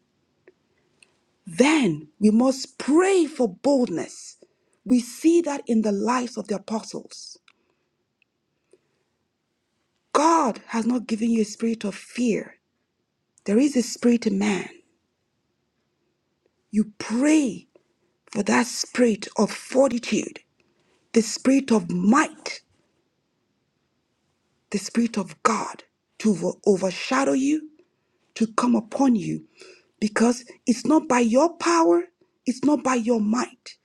Speaker 2: Then we must pray for boldness. We see that in the lives of the apostles. God has not given you a spirit of fear. There is a spirit in man. You pray for that spirit of fortitude, the spirit of might, the spirit of God to ov- overshadow you, to come upon you, because it's not by your power, it's not by your might,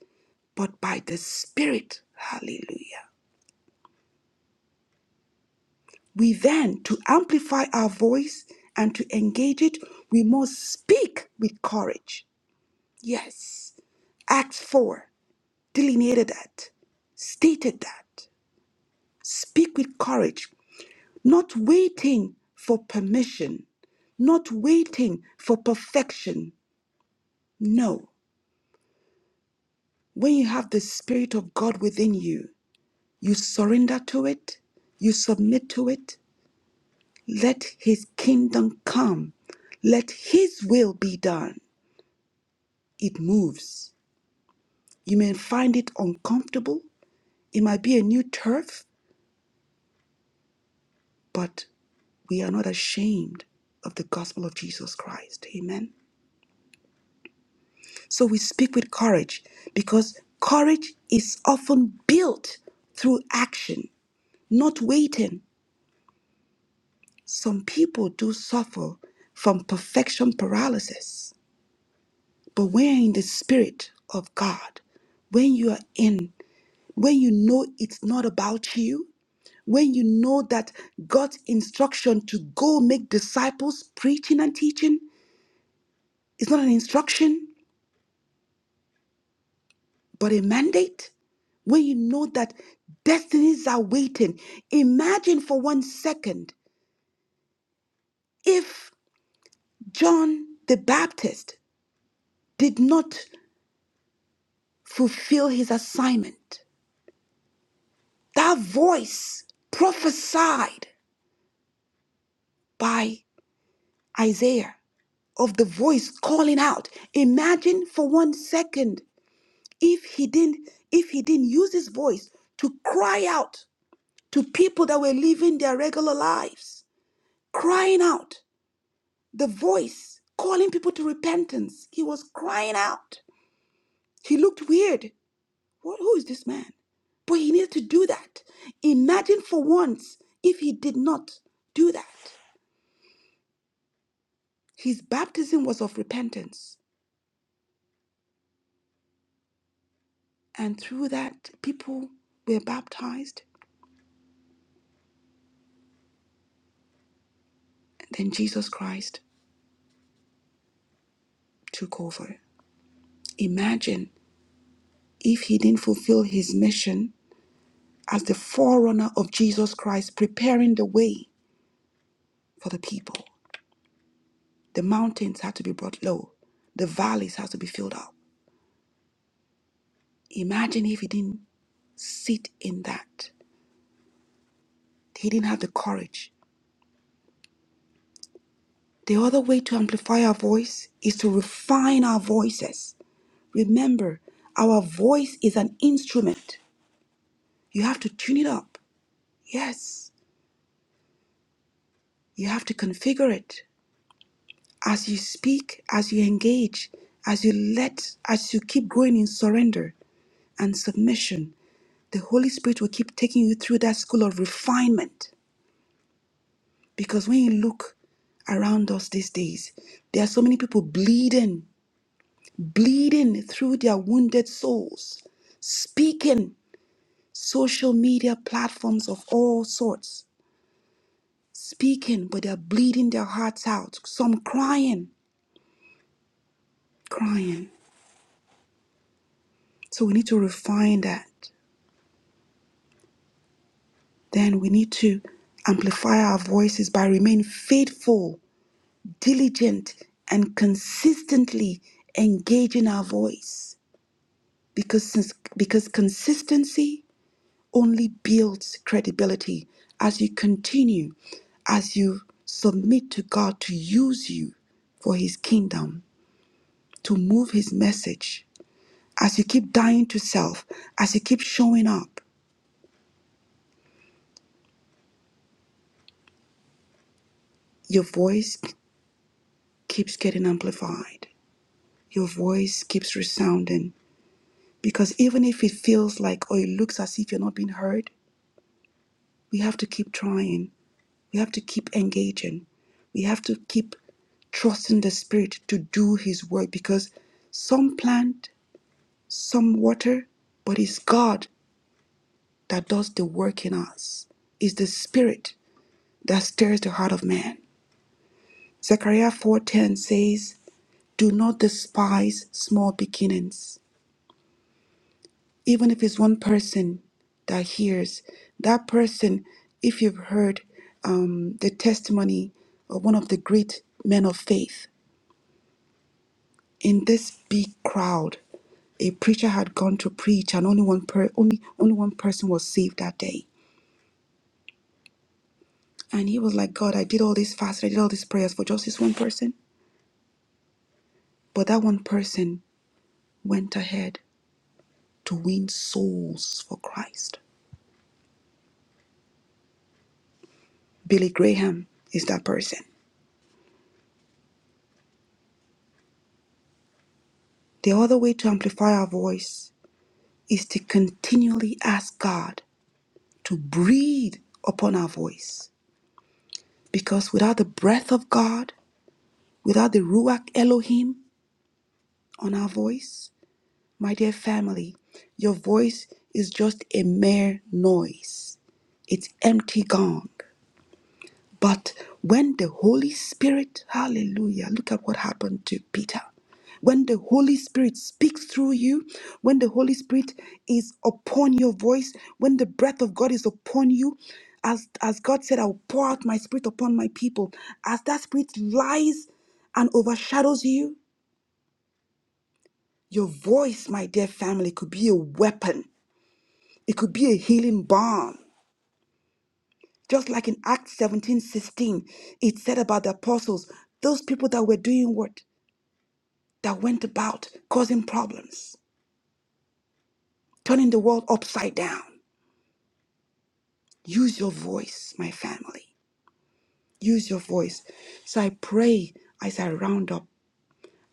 Speaker 2: but by the spirit. Hallelujah. We then, to amplify our voice and to engage it, we must speak with courage. Yes. Acts 4. delineated that, stated that. Speak with courage, not waiting for permission, not waiting for perfection. No. When you have the Spirit of God within you, you surrender to it, you submit to it. Let His kingdom come, let His will be done. It moves. You may find it uncomfortable, it might be a new turf, but we are not ashamed of the gospel of Jesus Christ. Amen. So we speak with courage because courage is often built through action, not waiting. Some people do suffer from perfection paralysis, but when you're in the spirit of God, when you are in, when you know it's not about you, when you know that God's instruction to go make disciples, preaching and teaching, is not an instruction, But a mandate, when you know that destinies are waiting, imagine for one second if John the Baptist did not fulfill his assignment. That voice prophesied by Isaiah of the voice calling out. Imagine for one second if he didn't if he didn't use his voice to cry out to people that were living their regular lives, crying out the voice calling people to repentance. He was crying out. He looked weird. What, who is this man? But he needed to do that. Imagine for once if he did not do that. His baptism was of repentance. And through that, people were baptized. And then Jesus Christ took over. Imagine if he didn't fulfill his mission as the forerunner of Jesus Christ, preparing the way for the people. The mountains had to be brought low. The valleys had to be filled up. Imagine if he didn't sit in that. He didn't have the courage. The other way to amplify our voice is to refine our voices. Remember, our voice is an instrument. You have to tune it up. Yes, you have to configure it. As you speak, as you engage, as you let, as you keep growing in surrender and submission, the Holy Spirit will keep taking you through that school of refinement Because when you look around us these days, there are so many people bleeding, bleeding through their wounded souls, speaking social media platforms of all sorts, speaking, but they're bleeding their hearts out. Some crying, crying. So we need to refine that. Then we need to amplify our voices by remaining faithful, diligent, and consistently engaging our voice because since, because consistency only builds credibility as you continue as you submit to God to use you for his kingdom to move his message as you keep dying to self as you keep showing up your voice keeps getting amplified your voice keeps resounding because even if it feels like or it looks as if you're not being heard we have to keep trying We have to keep engaging. We have to keep trusting the Spirit to do His work because some plant, some water, but it's God that does the work in us. It's the Spirit that stirs the heart of man. Zechariah 4:10 says, "Do not despise small beginnings, even if it's one person that hears. That person, if you've heard um, the testimony of one of the great men of faith, in this big crowd a preacher had gone to preach and only one per- only only one person was saved that day and he was like god i did all this fasting i did all these prayers for just this one person but that one person went ahead to win souls for christ billy graham is that person the other way to amplify our voice is to continually ask god to breathe upon our voice because without the breath of god without the ruach elohim on our voice My dear family, your voice is just a mere noise. It's empty gong. But when the Holy Spirit, hallelujah, look at what happened to Peter. When the Holy Spirit speaks through you, when the Holy Spirit is upon your voice, when the breath of God is upon you, as, as God said, I will pour out my spirit upon my people. As that spirit lies and overshadows you, your voice, my dear family, could be a weapon It could be a healing balm. Just like in Acts 17 16, it said about the apostles, those people that were doing what? That went about causing problems, turning the world upside down. Use your voice, my family. Use your voice. So I pray as I round up,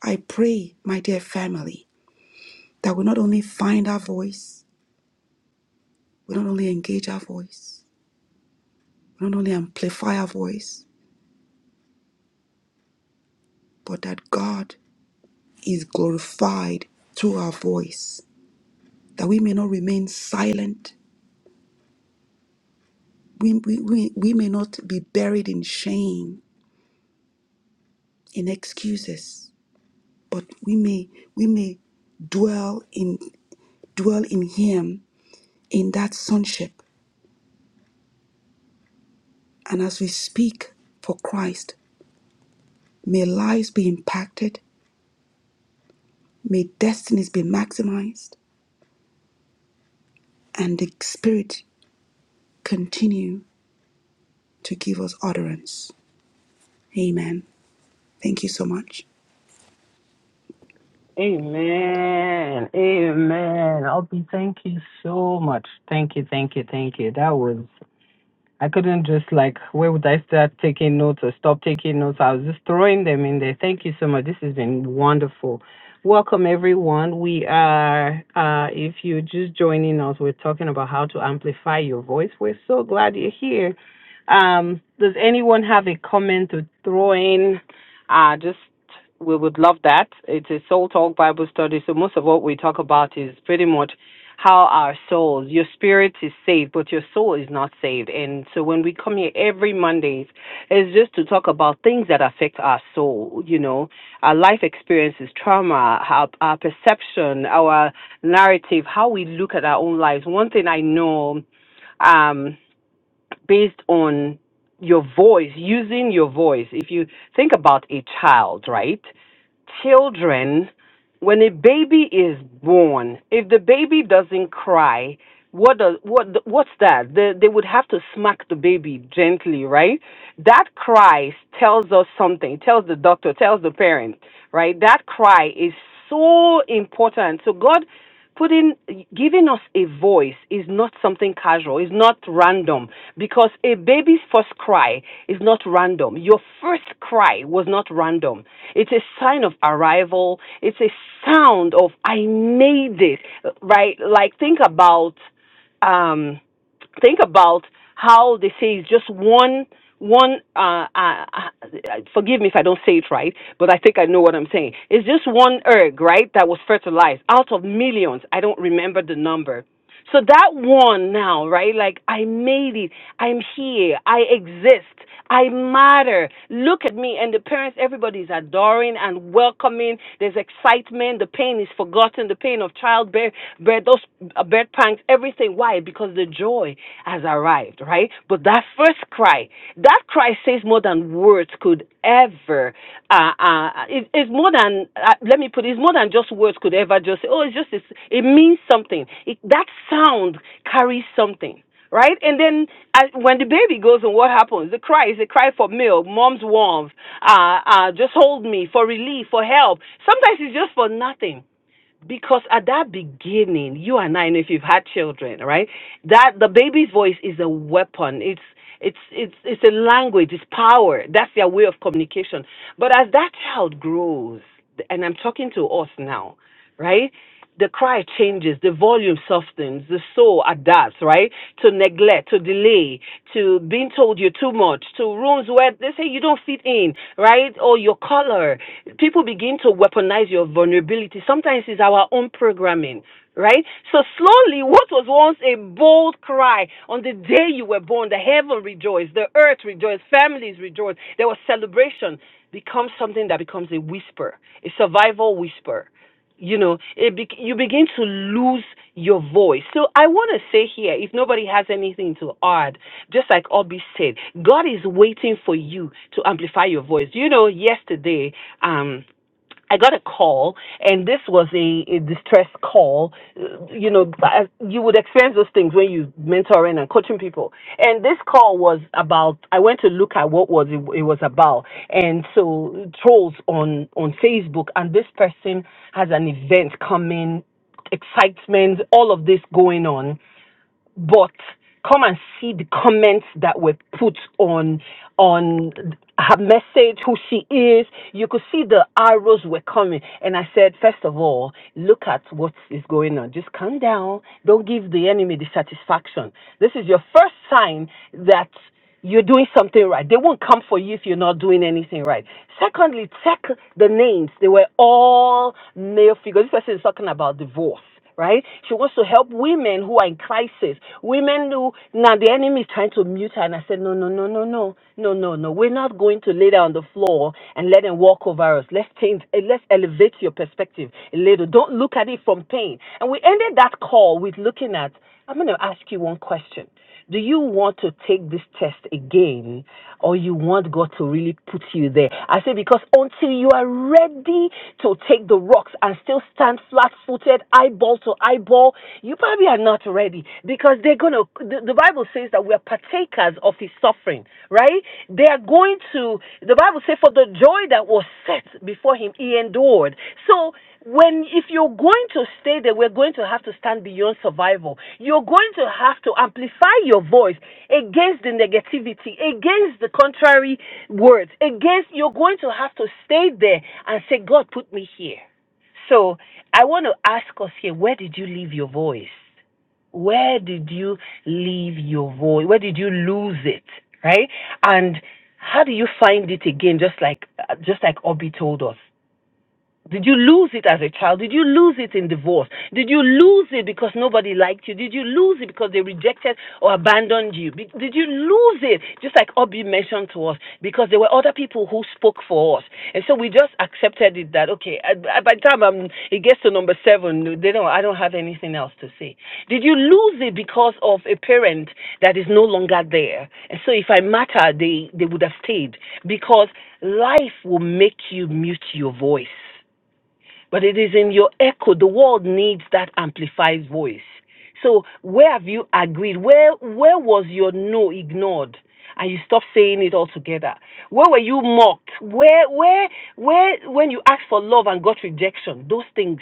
Speaker 2: I pray, my dear family, that we not only find our voice, we not only engage our voice, we not only amplify our voice, but that God is glorified through our voice that we may not remain silent. We, we, we, we may not be buried in shame, in excuses, but we may we may dwell in dwell in him in that sonship. And as we speak for Christ, may lives be impacted, may destinies be maximized, and the spirit continue to give us utterance. Amen. Thank you so much.
Speaker 3: Amen. Amen. I'll be thank you so much. Thank you, thank you, thank you. That was I couldn't just like, where would I start taking notes or stop taking notes? I was just throwing them in there. Thank you so much. This has been wonderful. Welcome, everyone. We are, uh, if you're just joining us, we're talking about how to amplify your voice. We're so glad you're here. Um, does anyone have a comment to throw in? Uh, just we would love that. It's a Soul Talk Bible study, so most of what we talk about is pretty much how our souls, your spirit is saved, but your soul is not saved. And so when we come here every Mondays, it's just to talk about things that affect our soul, you know, our life experiences, trauma, our, our perception, our narrative, how we look at our own lives. One thing I know, um, based on your voice, using your voice. If you think about a child, right? Children, when a baby is born, if the baby doesn't cry, what does what what's that they, they would have to smack the baby gently right that cry tells us something tells the doctor tells the parent right that cry is so important so god putting giving us a voice is not something casual it's not random because a baby's first cry is not random your first cry was not random it's a sign of arrival it's a sound of i made it right like think about um, think about how they say it's just one one uh, uh, uh, forgive me if I don't say it right, but I think I know what I'm saying. It's just one egg, right, that was fertilized out of millions. I don't remember the number. So that one now, right? Like I made it. I'm here. I exist. I matter. Look at me. And the parents, everybody's adoring and welcoming. There's excitement. The pain is forgotten. The pain of childbirth, birth, those uh, birth pangs, everything. Why? Because the joy has arrived, right? But that first cry, that cry says more than words could ever, uh, uh, it, it's more than, uh, let me put it, it's more than just words could ever just say, oh, it's just, it's, it means something. It, that sound carries something right? And then uh, when the baby goes, and what happens? The cry is a cry for milk, mom's warmth, uh, uh, just hold me for relief, for help. Sometimes it's just for nothing. Because at that beginning, you and I know if you've had children, right? That the baby's voice is a weapon. It's it's it's it's a language. It's power. That's their way of communication. But as that child grows, and I'm talking to us now, right? The cry changes, the volume softens, the soul adapts, right? To neglect, to delay, to being told you're too much, to rooms where they say you don't fit in, right? Or your color. People begin to weaponize your vulnerability. Sometimes it's our own programming, right? So slowly, what was once a bold cry on the day you were born, the heaven rejoiced, the earth rejoiced, families rejoiced, there was celebration, becomes something that becomes a whisper, a survival whisper you know, it be- you begin to lose your voice. So I want to say here, if nobody has anything to add, just like Obi said, God is waiting for you to amplify your voice. You know, yesterday, um, I got a call, and this was a, a distress call uh, you know, as- you would experience those things when you mentoring and coaching people. And this call was about. I went to look at what was it, it was about, and so trolls on on Facebook, and this person has an event coming, excitement, all of this going on but come and see the comments that were put on on her message, who she is. You could see the arrows were coming, and I said, first of all, look at what is going on. Just calm down. Don't give the enemy the satisfaction. This is your first sign that. You're doing something right. They won't come for you if you're not doing anything right. Secondly, check the names. They were all male figures. This person is talking about divorce. Right? She wants to help women who are in crisis. Women who, now the enemy is trying to mute her. And I said, no, no, no, no, no, no, no, no. We're not going to lay down on the floor and let them walk over us. Let's change, eh, let's elevate your perspective a little. Don't look at it from pain. And we ended that call with looking at, I'm going to ask you one question. Do you want to take this test again or you want God to really put you there? I say because until you are ready to take the rocks and still stand flat footed, eyeball to eyeball, you probably are not ready because they're going to, the, the Bible says that we are partakers of his suffering, right? They are going to, the Bible says, for the joy that was set before him, he endured. So, when, if you're going to stay there, we're going to have to stand beyond survival. You're going to have to amplify your voice against the negativity, against the contrary words, against, you're going to have to stay there and say, God, put me here. So I want to ask us here, where did you leave your voice? Where did you leave your voice? Where did you lose it? Right? And how do you find it again? Just like, just like Obi told us. Did you lose it as a child? Did you lose it in divorce? Did you lose it because nobody liked you? Did you lose it because they rejected or abandoned you? Be- Did you lose it, just like Obi mentioned to us, because there were other people who spoke for us? And so we just accepted it that, okay, I, I- by the time I'm, it gets to number seven, they don't, I don't have anything else to say. Did you lose it because of a parent that is no longer there? And so if I matter, they, they would have stayed because life will make you mute your voice. But it is in your echo. The world needs that amplified voice. So where have you agreed? Where where was your no ignored? And you stopped saying it altogether. Where were you mocked? Where where where when you asked for love and got rejection? Those things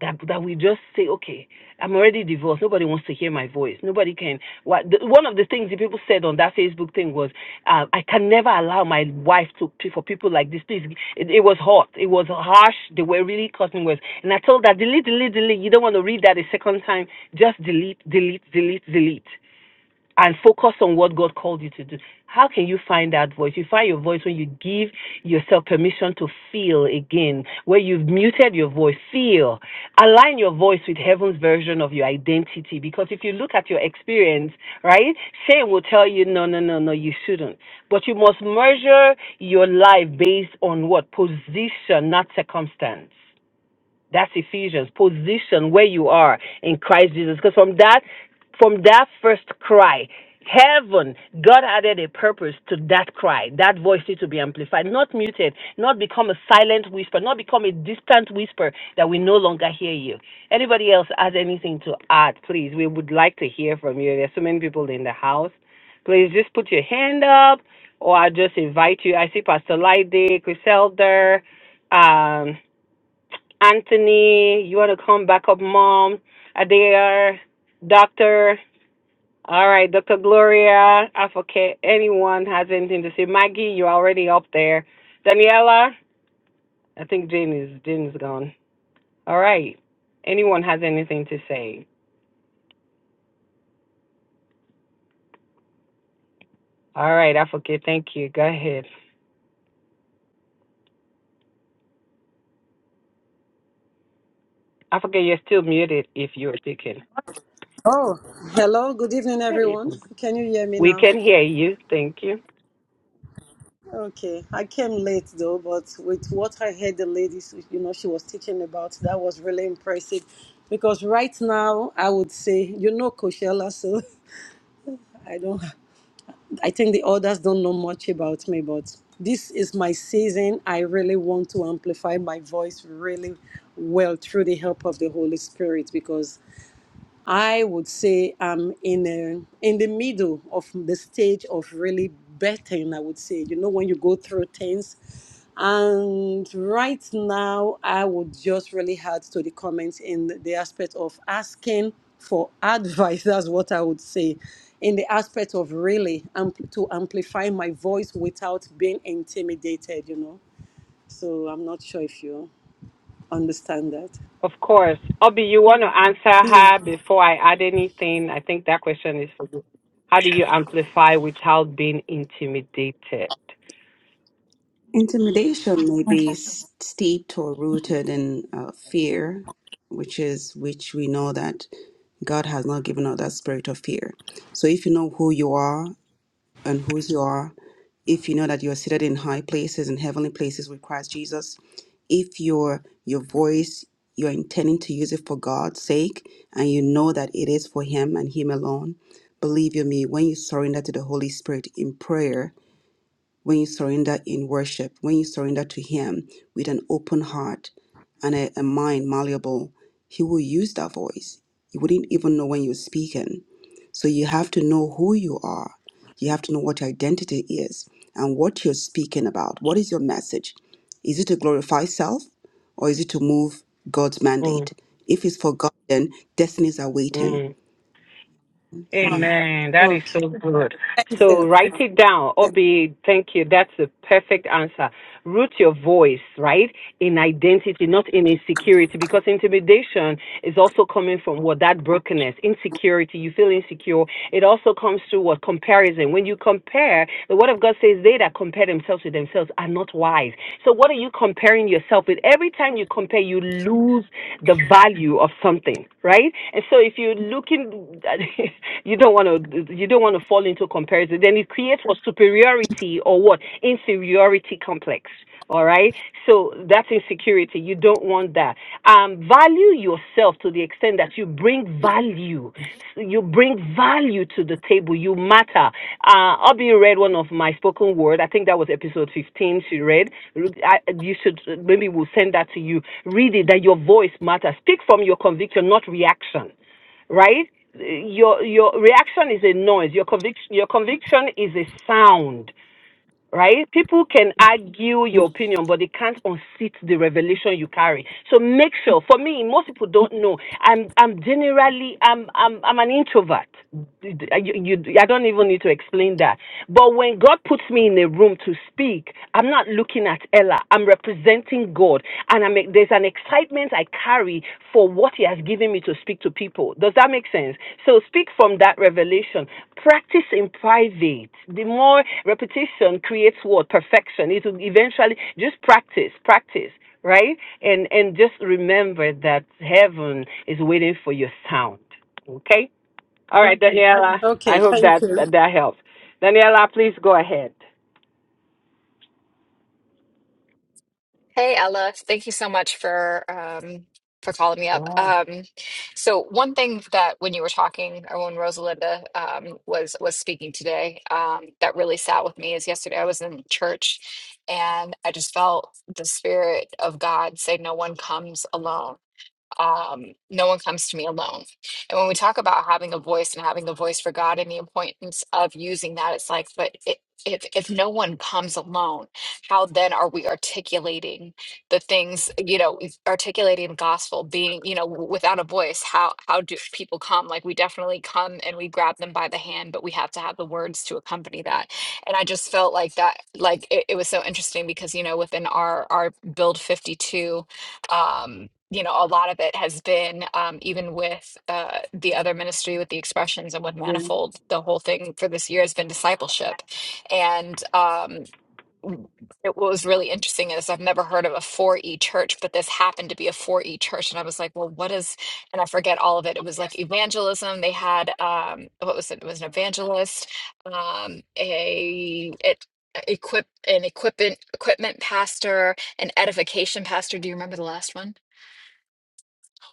Speaker 3: that that we just say, okay, I'm already divorced. Nobody wants to hear my voice. Nobody can. What the, one of the things the people said on that Facebook thing was, uh, I can never allow my wife to for people like this. Please, it, it was hot. It was harsh. They were really cutting words. And I told her, delete, delete, delete. You don't want to read that a second time. Just delete, delete, delete, delete and focus on what God called you to do. How can you find that voice? You find your voice when you give yourself permission to feel again, where you've muted your voice. Feel. Align your voice with heaven's version of your identity. Because if you look at your experience, right, shame will tell you, no, no, no, no, you shouldn't. But you must measure your life based on what? Position, not circumstance. That's Ephesians. Position where you are in Christ Jesus. Because from that, from that first cry, heaven, God added a purpose to that cry. That voice needs to be amplified, not muted, not become a silent whisper, not become a distant whisper that we no longer hear you. Anybody else has anything to add, please? We would like to hear from you. There's so many people in the house. Please just put your hand up, or I just invite you. I see Pastor Lide, Chris Elder. um, Anthony, you want to come back up, mom. Adair, Doctor. All right, Dr. Gloria. I forget anyone has anything to say. Maggie, you're already up there. Daniela, I think Jane is Jane is gone. All right. Anyone has anything to say? All right, I forget. Thank you. Go ahead. I forget you're still muted if you're speaking.
Speaker 4: Oh, hello. Good evening, everyone. Can you hear me
Speaker 3: We
Speaker 4: now?
Speaker 3: can hear you. Thank you.
Speaker 4: Okay. I came late though, but with what I heard the ladies, you know, she was teaching about, that was really impressive. Because right now, I would say, you know, Coachella, so I don't, I think the others don't know much about me, but this is my season. I really want to amplify my voice really well through the help of the Holy Spirit because I would say I'm in a, in the middle of the stage of really betting. I would say, you know, when you go through things, and right now I would just really add to the comments in the aspect of asking for advice. That's what I would say. In the aspect of really ampl- to amplify my voice without being intimidated, you know. So I'm not sure if you understand that.
Speaker 3: Of course. Obi, you want to answer
Speaker 4: Yeah.
Speaker 3: her before I add anything? I think that question is. How do you amplify without being intimidated?
Speaker 2: Intimidation may be s- steeped or rooted in uh, fear, which is which we know that God has not given us that spirit of fear. So if you know who you are and whose you are, if you know that you are seated in high places and heavenly places with Christ Jesus, if your your voice you're intending to use it for God's sake and you know that it is for him and him alone, believe you me, when you surrender to the Holy Spirit in prayer when you surrender in worship, when you surrender to Him with an open heart and a, a mind malleable, He will use that voice. You wouldn't even know when you're speaking. So you have to know who you are. You have to know what your identity is and what you're speaking about. What is your message? Is it to glorify self or is it to move God's
Speaker 3: Mm,
Speaker 2: mandate? If it's for God, then destinies are waiting.
Speaker 3: mm.
Speaker 2: Amen.
Speaker 3: Amen. That is
Speaker 4: Okay.
Speaker 3: so good.
Speaker 4: Thank
Speaker 3: So
Speaker 4: you.
Speaker 3: write it down. Obi, thank you. That's the perfect answer. Root your voice, right? In identity, not in insecurity, because intimidation is also coming from what that brokenness, insecurity, you feel insecure. It also comes through what comparison. When you compare, the word of God says they that compare themselves with themselves are not wise. So what are you comparing yourself with? Every time you compare, you lose the value of something, right? And so if you're looking, you you don't want to you don't want to fall into comparison then it creates what superiority or what inferiority complex all right so that's insecurity you don't want that um value yourself to the extent that you bring value you bring value to the table you matter uh obi read one of my spoken word i think that was episode 15 she read I, you should maybe we'll send that to you read it that your voice matters speak from your conviction not reaction right? Your your reaction is a noise. Your conviction your conviction is a sound right? People can argue your opinion, but they can't unseat the revelation you carry. So make sure. For me, most people don't know. I'm I'm generally I'm I'm I'm an introvert. You, you- I don't even need to explain that. But when God puts me in a room to speak, I'm not looking at Ella. I'm representing God, and I'm there's an excitement I carry for what He has given me to speak to people. Does that make sense? So speak from that revelation practice in private. The more repetition creates what perfection. It will eventually just practice, practice, right? And and just remember that heaven is waiting for your sound. Okay. All right, Okay. Daniela. I
Speaker 4: Okay.
Speaker 3: hope
Speaker 4: Thank
Speaker 3: that
Speaker 4: you.
Speaker 3: that, that helps. Daniela, please go ahead.
Speaker 5: Hey Ella, thank you so much for um for calling me up. Um so one thing that when you were talking or when Rosalinda um was was speaking today um that really sat with me is yesterday I was in church and I just felt the spirit of God say no one comes alone um, no one comes to me alone. And when we talk about having a voice and having a voice for God and the importance of using that, it's like, but it, if if no one comes alone, how then are we articulating the things? You know, is articulating the gospel, being you know, w- without a voice, how how do people come? Like we definitely come and we grab them by the hand, but we have to have the words to accompany that. And I just felt like that, like it, it was so interesting because you know, within our our build fifty two um, you know, a lot of it has been um, even with uh, the other ministry, with the expressions and with
Speaker 3: Yeah.
Speaker 5: Manifold, the whole thing for this year has been discipleship. And, um, w- it was really interesting is I've never heard of a 4E church, but this happened to be a 4E church. And I was like, well, what is, and I forget all of it. It was like evangelism. They had, um, what was it? It was an evangelist, um, a, it, equip an equipment equipment pastor an edification pastor do you remember the last one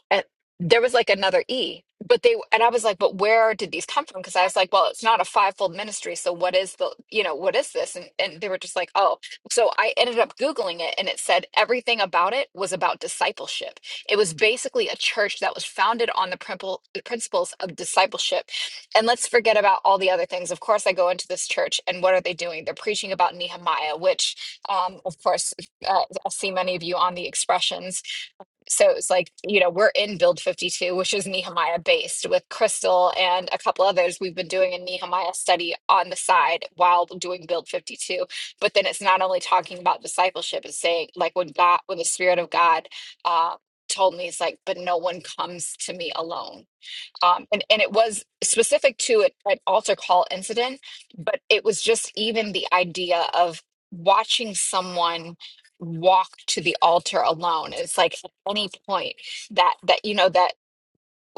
Speaker 5: and there was like another E, but they and I was like, but where did these come from? Because I was like, well, it's not a fivefold ministry, so what is the you know what is this? And and they were just like, oh, so I ended up googling it, and it said everything about it was about discipleship. It was basically a church that was founded on the principle the principles of discipleship, and let's forget about all the other things. Of course, I go into this church, and what are they doing? They're preaching about Nehemiah, which, um, of course, uh, I see many of you on the expressions so it's like you know we're in build 52 which is nehemiah based with crystal and a couple others we've been doing a nehemiah study on the side while doing build 52 but then it's not only talking about discipleship it's saying like when god when the spirit of god uh told me it's like but no one comes to me alone um, and and it was specific to it, an altar call incident, but it was just even the idea of watching someone walk to the altar alone. It's like at any point that that you know that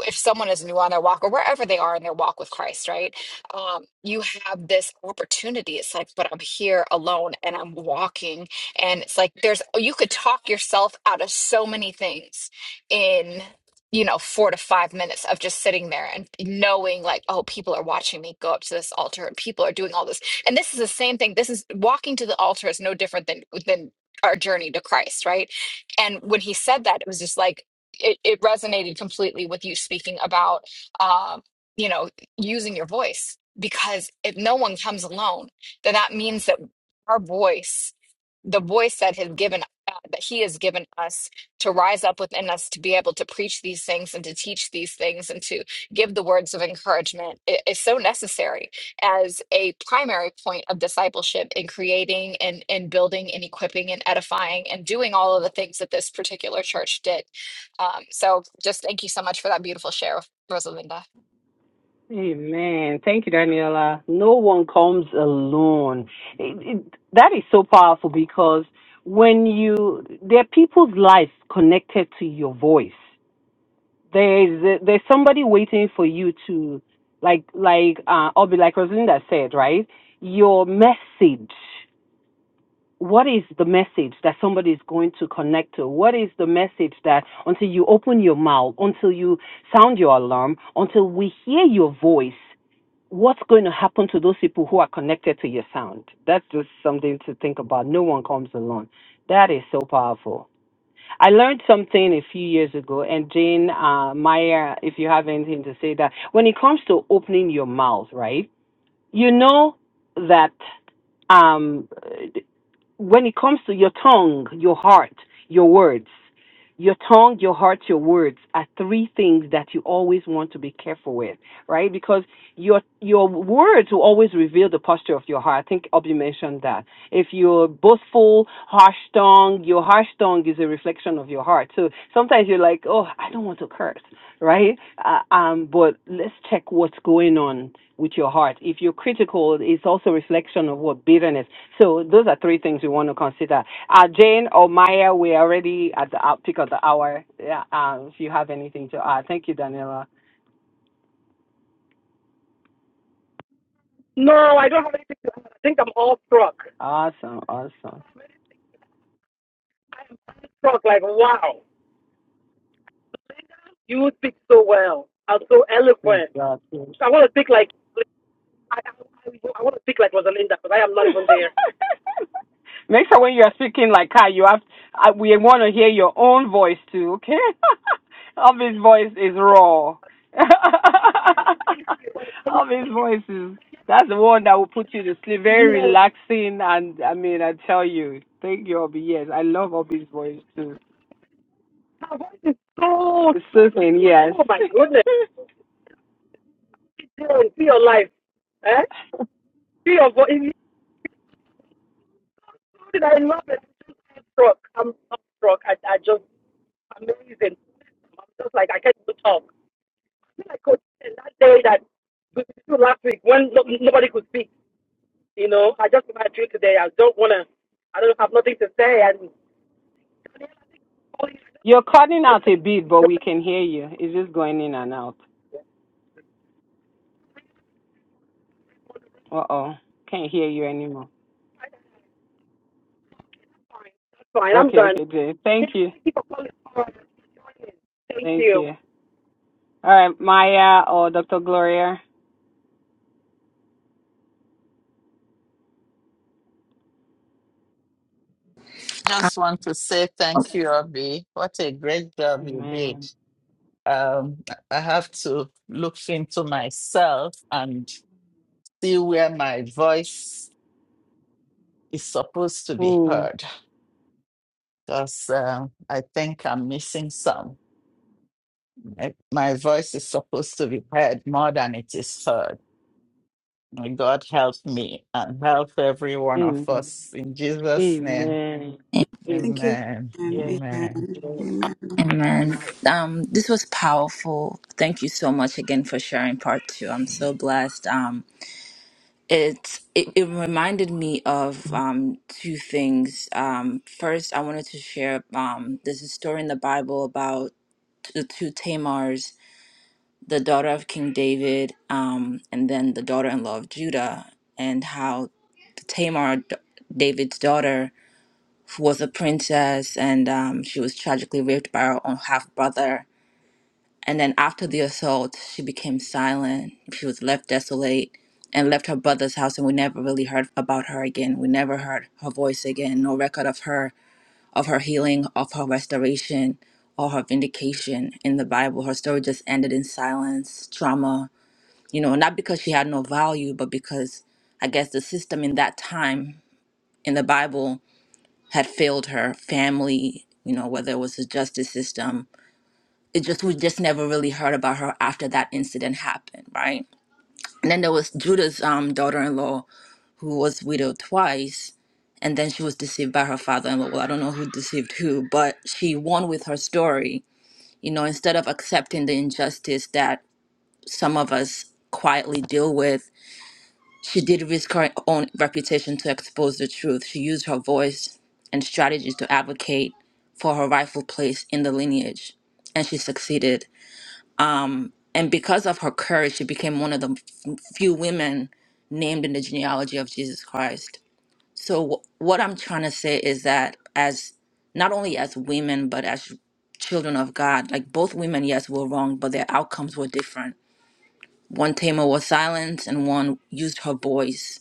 Speaker 5: if someone is new on their walk or wherever they are in their walk with Christ, right? Um, you have this opportunity. It's like, but I'm here alone and I'm walking. And it's like, there's, you could talk yourself out of so many things in, you know, four to five minutes of just sitting there and knowing, like, oh, people are watching me go up to this altar and people are doing all this. And this is the same thing. This is walking to the altar is no different than, than, our journey to Christ, right? And when he said that, it was just like it, it resonated completely with you speaking about um, you know using your voice because if no one comes alone then that means that our voice the voice that has given uh, that he has given us to rise up within us to be able to preach these things and to teach these things and to give the words of encouragement i- is so necessary as a primary point of discipleship in creating and, and building and equipping and edifying and doing all of the things that this particular church did um, so just thank you so much for that beautiful share, Rosalinda.
Speaker 3: Amen. Thank you, Daniela. No one comes alone. It, it, that is so powerful because when you there are people's lives connected to your voice. there's there's somebody waiting for you to like like uh Obi like Rosalinda said, right? Your message. What is the message that somebody is going to connect to? What is the message that until you open your mouth, until you sound your alarm, until we hear your voice, what's going to happen to those people who are connected to your sound? That's just something to think about. No one comes alone. That is so powerful. I learned something a few years ago, and Jane uh, Meyer, if you have anything to say, that when it comes to opening your mouth, right, you know that. Um, when it comes to your tongue, your heart, your words, your tongue, your heart, your words are three things that you always want to be careful with, right? Because your your words will always reveal the posture of your heart. I think Obi mentioned that. If you're boastful, harsh tongue, your harsh tongue is a reflection of your heart. So sometimes you're like, oh, I don't want to curse right? Uh, um, but let's check what's going on with your heart. If you're critical, it's also a reflection of what bitterness. So those are three things we want to consider. Uh, Jane or Maya, we're already at the out- peak of the hour. Yeah, uh, if you have anything to add, thank you, Daniela.
Speaker 6: No, I don't have anything to add. I think I'm all struck.
Speaker 3: Awesome, awesome.
Speaker 6: Struck, like, wow, you speak so well. I'm so
Speaker 3: Praise
Speaker 6: eloquent.
Speaker 3: God.
Speaker 6: I want to
Speaker 3: Yes.
Speaker 6: speak like, I, I, I want to speak like Rosalinda, but I am not even there.
Speaker 3: Make sure when you are speaking like Kai, you have I, we want to hear your own voice too, okay? Obi's voice is raw. Obi's voice is that's the one that will put you to sleep. Very relaxing, and I mean, I tell you, thank you, Obi. Yes, I love Obi's voice too.
Speaker 6: Her voice is so
Speaker 3: It's soothing,
Speaker 6: soothing.
Speaker 3: yes.
Speaker 6: Oh, my goodness. See your life. Eh? See your voice. It's soothing. I love it. I'm struck. I'm, i struck. I, I just, amazing. I'm just like, I can't even talk. I feel like Coach Ken that day that, last week when no, nobody could speak. You know, I just want to drink today. I don't want to, I don't have nothing to say. And Daniel, I think you're calling.
Speaker 3: You're cutting
Speaker 6: I just want
Speaker 3: out
Speaker 6: the
Speaker 3: a
Speaker 6: link and
Speaker 3: bit,
Speaker 6: you
Speaker 3: but we
Speaker 6: join.
Speaker 3: can hear you. It's just going in and out. Uh oh, can't hear you anymore.
Speaker 6: Fine. That's fine. I'm
Speaker 3: Okay,
Speaker 6: done.
Speaker 3: okay, Jay. Thank
Speaker 6: Daniel,
Speaker 3: you,
Speaker 6: thank you for calling. All right. Thank
Speaker 3: thank
Speaker 6: you.
Speaker 3: you. All right, Maya or Dr. Gloria.
Speaker 7: Just want to say
Speaker 8: Um,
Speaker 7: thank you, Obi. What a great job you did.
Speaker 3: Amen.
Speaker 7: Um, I have to look into myself and see where my voice is supposed to be
Speaker 3: Mm.
Speaker 7: heard because um, I think I'm missing some. My, my voice is supposed to be heard more than it is heard. May God help me and help every one of
Speaker 3: Amen.
Speaker 7: us in Jesus' name.
Speaker 3: Amen. Yes.
Speaker 2: Thank you.
Speaker 7: Amen.
Speaker 2: And
Speaker 7: Amen.
Speaker 2: amen.
Speaker 3: Yes.
Speaker 2: Amen.
Speaker 8: Amen. Um, this was powerful. Thank you so much again for sharing part two. I'm so blessed. Um, it, it it reminded me of um two things. Um, first, I wanted to share um there's a story in the Bible about the two Tamars, the daughter of King David, um, and then the daughter-in-law of Judah, and how Tamar, d- David's daughter, who was a princess, and um, she was tragically raped by her own half brother And then after the assault, she became silent. She was left desolate and left her brother's house and we never really heard about her again. We never heard her voice again, no record of her, of her healing, of her restoration, or her vindication in the Bible. Her story just ended in silence, trauma, you know, not because she had no value, but because I guess the system in that time in the Bible had failed her family, you know, whether it was the justice system it just we just never really heard about her after that incident happened, right? And then there was Judah's um, daughter-in-law who was widowed twice, and then she was deceived by her father-in-law. Well, I don't know who deceived who, but she won with her story. You know, instead of accepting the injustice that some of us quietly deal with, she did risk her own reputation to expose the truth. She used her voice and strategies to advocate for her rightful place in the lineage, and she succeeded And because of her courage, she became one of the f- few women named in the genealogy of Jesus Christ. So, wh- what I'm trying to say is that, as not only as women, but as children of God, like both women, yes, were wrong, but their outcomes were different. One Tamar was silent, and one used her voice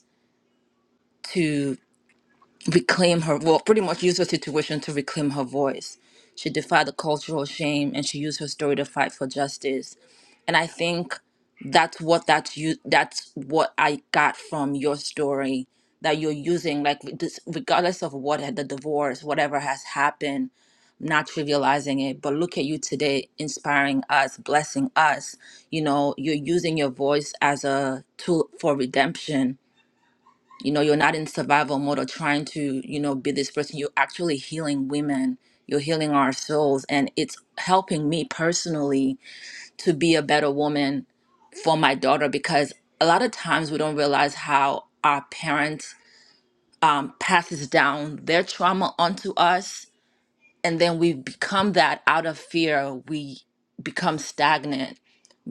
Speaker 8: reclaim her well pretty much use her situation to reclaim her voice she defied the cultural shame and she used her story to fight for justice and i think that's what that's you that's what i got from your story that you're using like with this, regardless of what had the divorce whatever has happened not trivializing it but look at you today inspiring us blessing us you know you're using your voice as a tool for redemption you know you're not in survival mode or trying to you know be this person you're actually healing women you're healing our souls and it's helping me personally to be a better woman for my daughter because a lot of times we don't realize how our parents um, passes down their trauma onto us and then we become that out of fear we become stagnant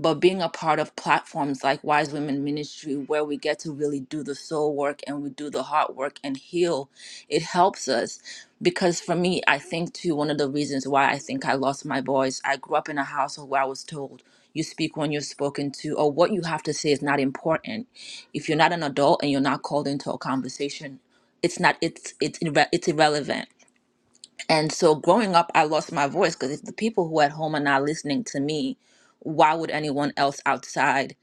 Speaker 8: but being a part of platforms like Wise Women Ministry, where we get to really do the soul work and we do the heart work and heal, it helps us. Because for me, I think too, one of the reasons why I think I lost my voice, I grew up in a household where I was told, you speak when you're spoken to, or what you have to say is not important. If you're not an adult and you're not called into a conversation, it's not it's it's irre- it's irrelevant and so growing up, I lost my voice because if the people who are at home are not listening to me, why would anyone else outside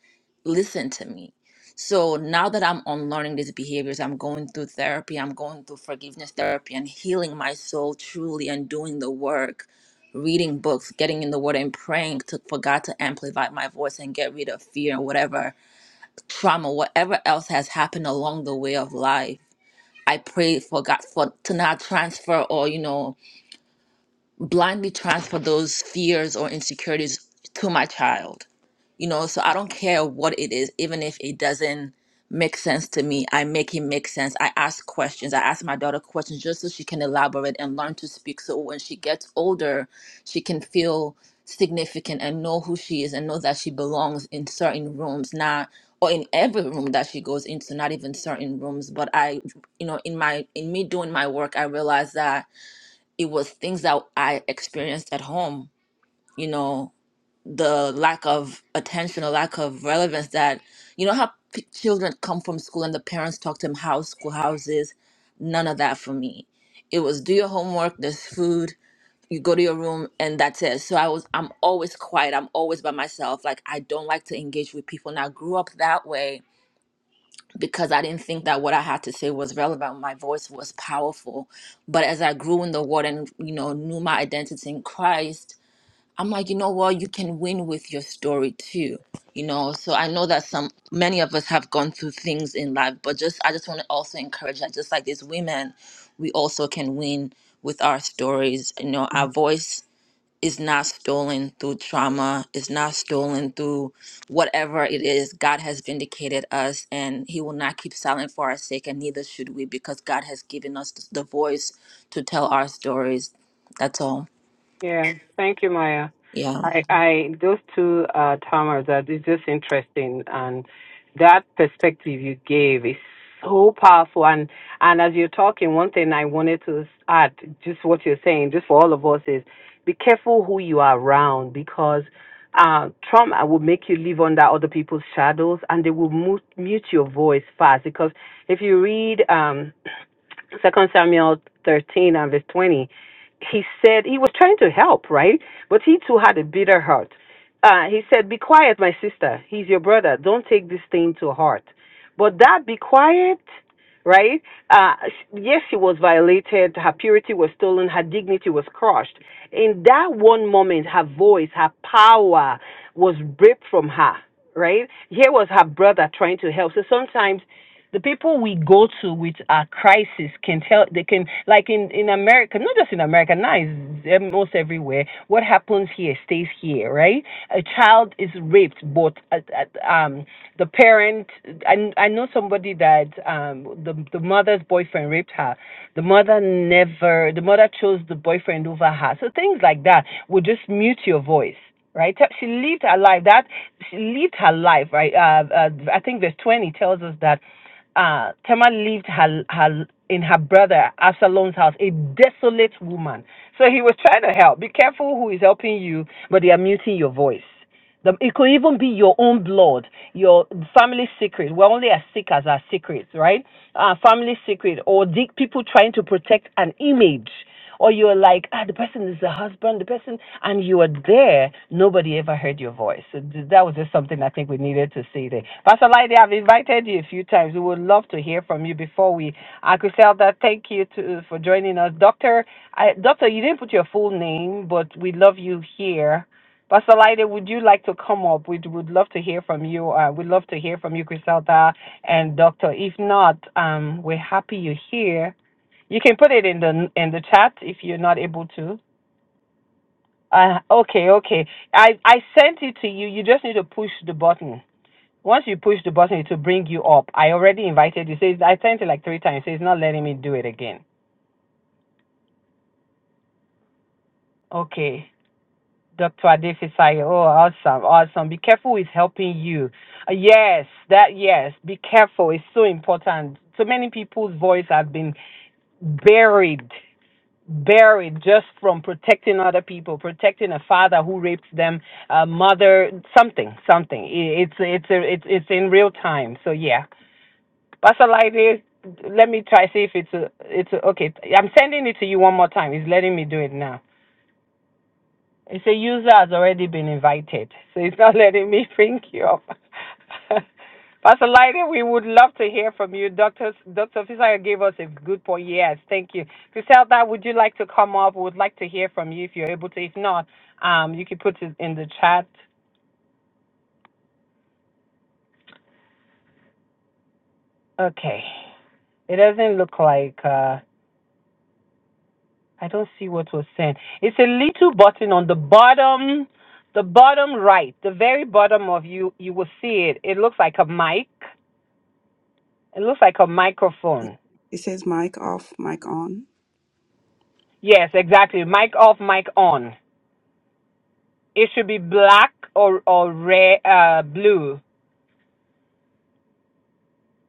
Speaker 8: listen to me? So now that I'm unlearning these behaviors, I'm going through therapy, I'm going through forgiveness therapy and healing my soul truly and doing the work, reading books, getting in the word and praying to, for God to amplify my voice and get rid of fear and whatever trauma, whatever else has happened along the way of life. I pray for God for to not transfer or, you know, blindly transfer those fears or insecurities to my child. You know, so I don't care what it is, even if it doesn't make sense to me. I make it make sense. I ask questions. I ask my daughter questions just so she can elaborate and learn to speak. So when she gets older, she can feel significant and know who she is and know that she belongs in certain rooms, not or in every room that she goes into, not even certain rooms. But I, you know, in my in me doing my work, I realize that it was things that I experienced at home, you know, the lack of attention or lack of relevance that, you know, how p- children come from school and the parents talk to them how school houses, none of that for me. It was do your homework, there's food, you go to your room and that's it. So I was I'm always quiet, I'm always by myself. Like I don't like to engage with people and I grew up that way because I didn't think that what I had to say was relevant. My voice was powerful. But as I grew in the word and, you know, knew my identity in Christ, I'm like, you know what, you can win with your story too. You know, so I know that some many of us have gone through things in life, but just I just want to also encourage that just like these women, we also can win with our stories. You know, our voice is not stolen through trauma, is not stolen through whatever it is. God has vindicated us and He will not keep silent for our sake, and neither should we because God has given us the voice to tell our stories. That's all.
Speaker 3: Yeah. Thank you, Maya.
Speaker 8: Yeah.
Speaker 3: I, I those two uh, terms are it's just interesting, and that perspective you gave is so powerful. And and as you're talking, one thing I wanted to add, just what you're saying, just for all of us, is be careful who you are around because uh, trauma will make you live under other people's shadows, and they will mute, mute your voice fast. Because if you read, um, Second Samuel 13 and verse 20, he said he was trying to help, right? But he too had a bitter heart. Uh, he said, Be quiet, my sister. He's your brother. Don't take this thing to heart. But that be quiet, right? Uh, yes, she was violated. Her purity was stolen. Her dignity was crushed. In that one moment, her voice, her power was ripped from her, right? Here was her brother trying to help. So sometimes the people we go to with our crisis can tell they can like in in america not just in america now it's almost everywhere what happens here stays here right a child is raped but at, at, um the parent I, I know somebody that um the the mother's boyfriend raped her the mother never the mother chose the boyfriend over her so things like that will just mute your voice right? She lived her life. That she lived her life, right? Uh, uh, I think verse twenty tells us that uh, Tema lived her, her in her brother Absalom's house, a desolate woman. So he was trying to help. Be careful who is helping you, but they are muting your voice. The, it could even be your own blood, your family secret. We're only as sick as our secrets, right? Our family secret, or the people trying to protect an image. Or you're like, ah, the person is a husband, the person, and you are there. Nobody ever heard your voice. So th- that was just something I think we needed to see there. Pastor Lady, I've invited you a few times. We would love to hear from you before we. Uh, Griselda, thank you to, for joining us. Doctor, I, Doctor, you didn't put your full name, but we love you here. Pastor Lady, would you like to come up? We'd would love to hear from you. Uh, we'd love to hear from you, Griselda and Doctor. If not, um, we're happy you're here you can put it in the in the chat if you're not able to. Uh, okay, okay. I I sent it to you. You just need to push the button. Once you push the button, it will bring you up. I already invited you. Says I sent it like three times. it's not letting me do it again. Okay, Doctor Adefisai. Oh, awesome, awesome. Be careful with helping you. Uh, yes, that yes. Be careful. It's so important. So many people's voice have been buried buried just from protecting other people, protecting a father who raped them, a mother, something, something. I- It's it's a, it's it's in real time. So yeah, Pastor Lightning, let me try see if it's a, it's a, okay. I'm sending it to you one more time. He's letting me do it now. It say user has already been invited, so it's not letting me bring you up. Pastor Lighting, we would love to hear from you. Dr. Dr. Fisayo gave us a good point. Yes, thank you. Griselda, would you like to come up? We would like to hear from you if you're able to. If not, um, you can put it in the chat. Okay. It doesn't look like uh, I don't see what was sent. It's a little button on the bottom, the bottom right, the very bottom of you. You will see it. It looks like a mic It looks like a microphone.
Speaker 2: It says mic off, mic on.
Speaker 3: Yes, exactly. Mic off, mic on. It should be black or or red, uh, blue.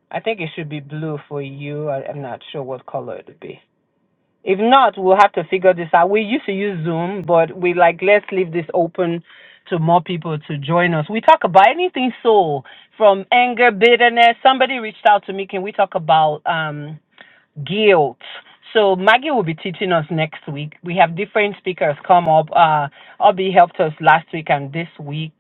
Speaker 3: I think it should be blue for you. I, I'm not sure what color it would be. If not, we'll have to figure this out. We used to use Zoom, but we like let's leave this open to more people to join us. We talk about anything soul, from anger, bitterness. Somebody reached out to me. Can we talk about um? guilt. So Maggie will be teaching us next week. We have different speakers come up. Uh, Obi helped us last week and this week.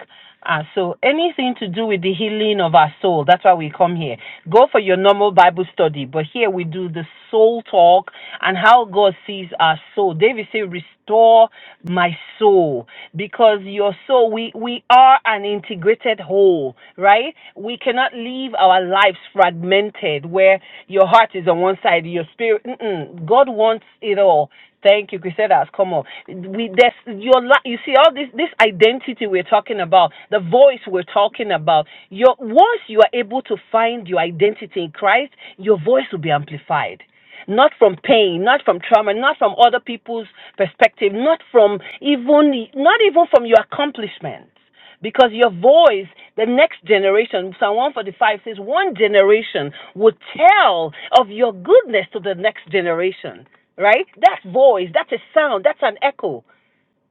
Speaker 3: Uh, so anything to do with the healing of our soul, that's why we come here. Go for your normal Bible study, but here we do the soul talk and how God sees our soul. David said, "Restore my soul." soul because your soul we we are an integrated whole right we cannot live our lives fragmented where your heart is on one side your spirit mm-mm, god wants it all thank you Griselda. come on we that's your li- you see all this this identity we're talking about the voice we're talking about your once you are able to find your identity in christ your voice will be amplified not from pain, not from trauma, not from other people's perspective, not from even not even from your accomplishments. Because your voice, the next generation, Psalm 145 says, one generation will tell of your goodness to the next generation, right? That voice, that's a sound, that's an echo.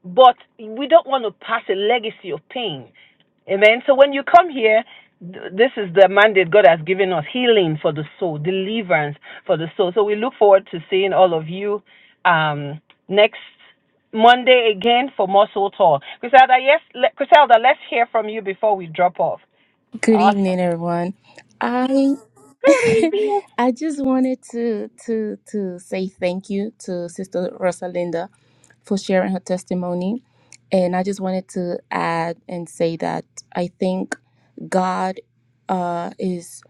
Speaker 3: But we don't want to pass a legacy of pain Amen. So when you come here, th- this is the mandate God has given us healing for the soul, deliverance for the soul. So we look forward to seeing all of you um, next Monday again for more soul talk. Griselda, yes, let, Griselda, let's hear from you before we drop off.
Speaker 9: Good
Speaker 3: Awesome.
Speaker 9: evening, everyone. I
Speaker 3: Good evening.
Speaker 9: I just wanted to to to say thank you to Sister Rosalinda for sharing her testimony, and I just wanted to add and say that I think God uh, is